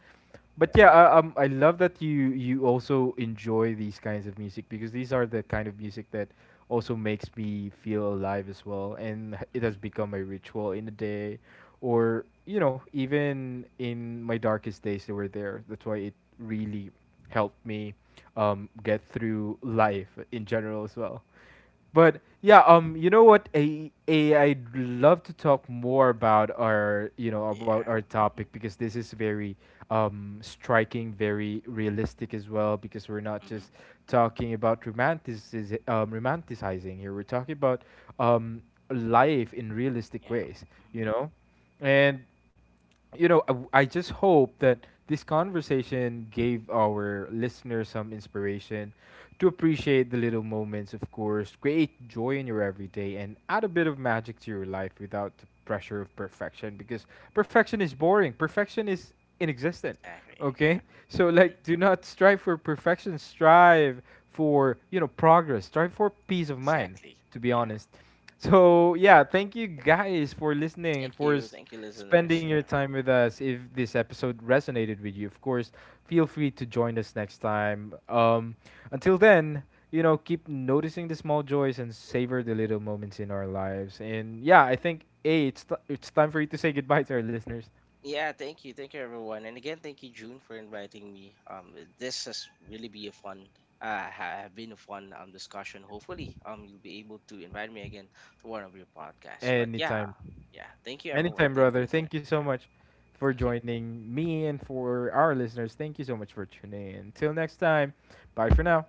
Speaker 1: But yeah, I, um, I love that you you also enjoy these kinds of music, because these are the kind of music that also makes me feel alive as well, and h- it
Speaker 2: mm-hmm,
Speaker 1: has become a ritual in the day, or you know, even in my darkest days, they were there. That's why it really helped me um, get through life in general as well. But yeah, um, you know what? I, I I'd love to talk more about our, you know, about our
Speaker 2: yeah,
Speaker 1: topic,
Speaker 2: mm-hmm,
Speaker 1: because this is very um striking, very realistic as well. Because we're not
Speaker 2: mm-hmm,
Speaker 1: just talking about romantic, um, romanticizing here. We're talking about um life in realistic
Speaker 2: yeah,
Speaker 1: ways.
Speaker 2: mhm,
Speaker 1: You know, and you know, I I just hope that this conversation gave our listeners some inspiration to appreciate the little moments, of course, create joy in your everyday, and add a bit of magic to your life without the pressure of perfection, because perfection is boring, perfection is inexistent.
Speaker 2: exactly. Yeah,
Speaker 1: Okay? So,
Speaker 2: mhm,
Speaker 1: like, do not strive for perfection, strive for, you know, progress, strive for peace of mind,
Speaker 2: exactly.
Speaker 1: to be
Speaker 2: Yeah.
Speaker 1: honest. So yeah, thank you guys for listening and
Speaker 2: Thank
Speaker 1: for
Speaker 2: you,
Speaker 1: s-
Speaker 2: thank you,
Speaker 1: spending
Speaker 2: listeners.
Speaker 1: your
Speaker 2: Yeah,
Speaker 1: time with us. If this episode resonated with you, of course, feel free to join us next time. Um, until then, you know, keep noticing the small joys and savor the little moments in our lives. And yeah, I think A, it's t- it's time for you to say goodbye to our listeners.
Speaker 2: yeah. Thank you, thank you, everyone, and again, thank you, June, for inviting me. Um, this has really be a fun, uh, ha- have been a fun um discussion. Hopefully, um, you'll be able to invite me again to one of your podcasts. But yeah,
Speaker 1: Anytime.
Speaker 2: yeah. Thank you, everyone.
Speaker 1: Anytime,
Speaker 2: Thank you,
Speaker 1: brother. Thank you
Speaker 2: listeners.
Speaker 1: so
Speaker 2: Yeah,
Speaker 1: much for
Speaker 2: thank you.
Speaker 1: joining me and for our listeners. Thank you so much for tuning in. Until next time, bye for now.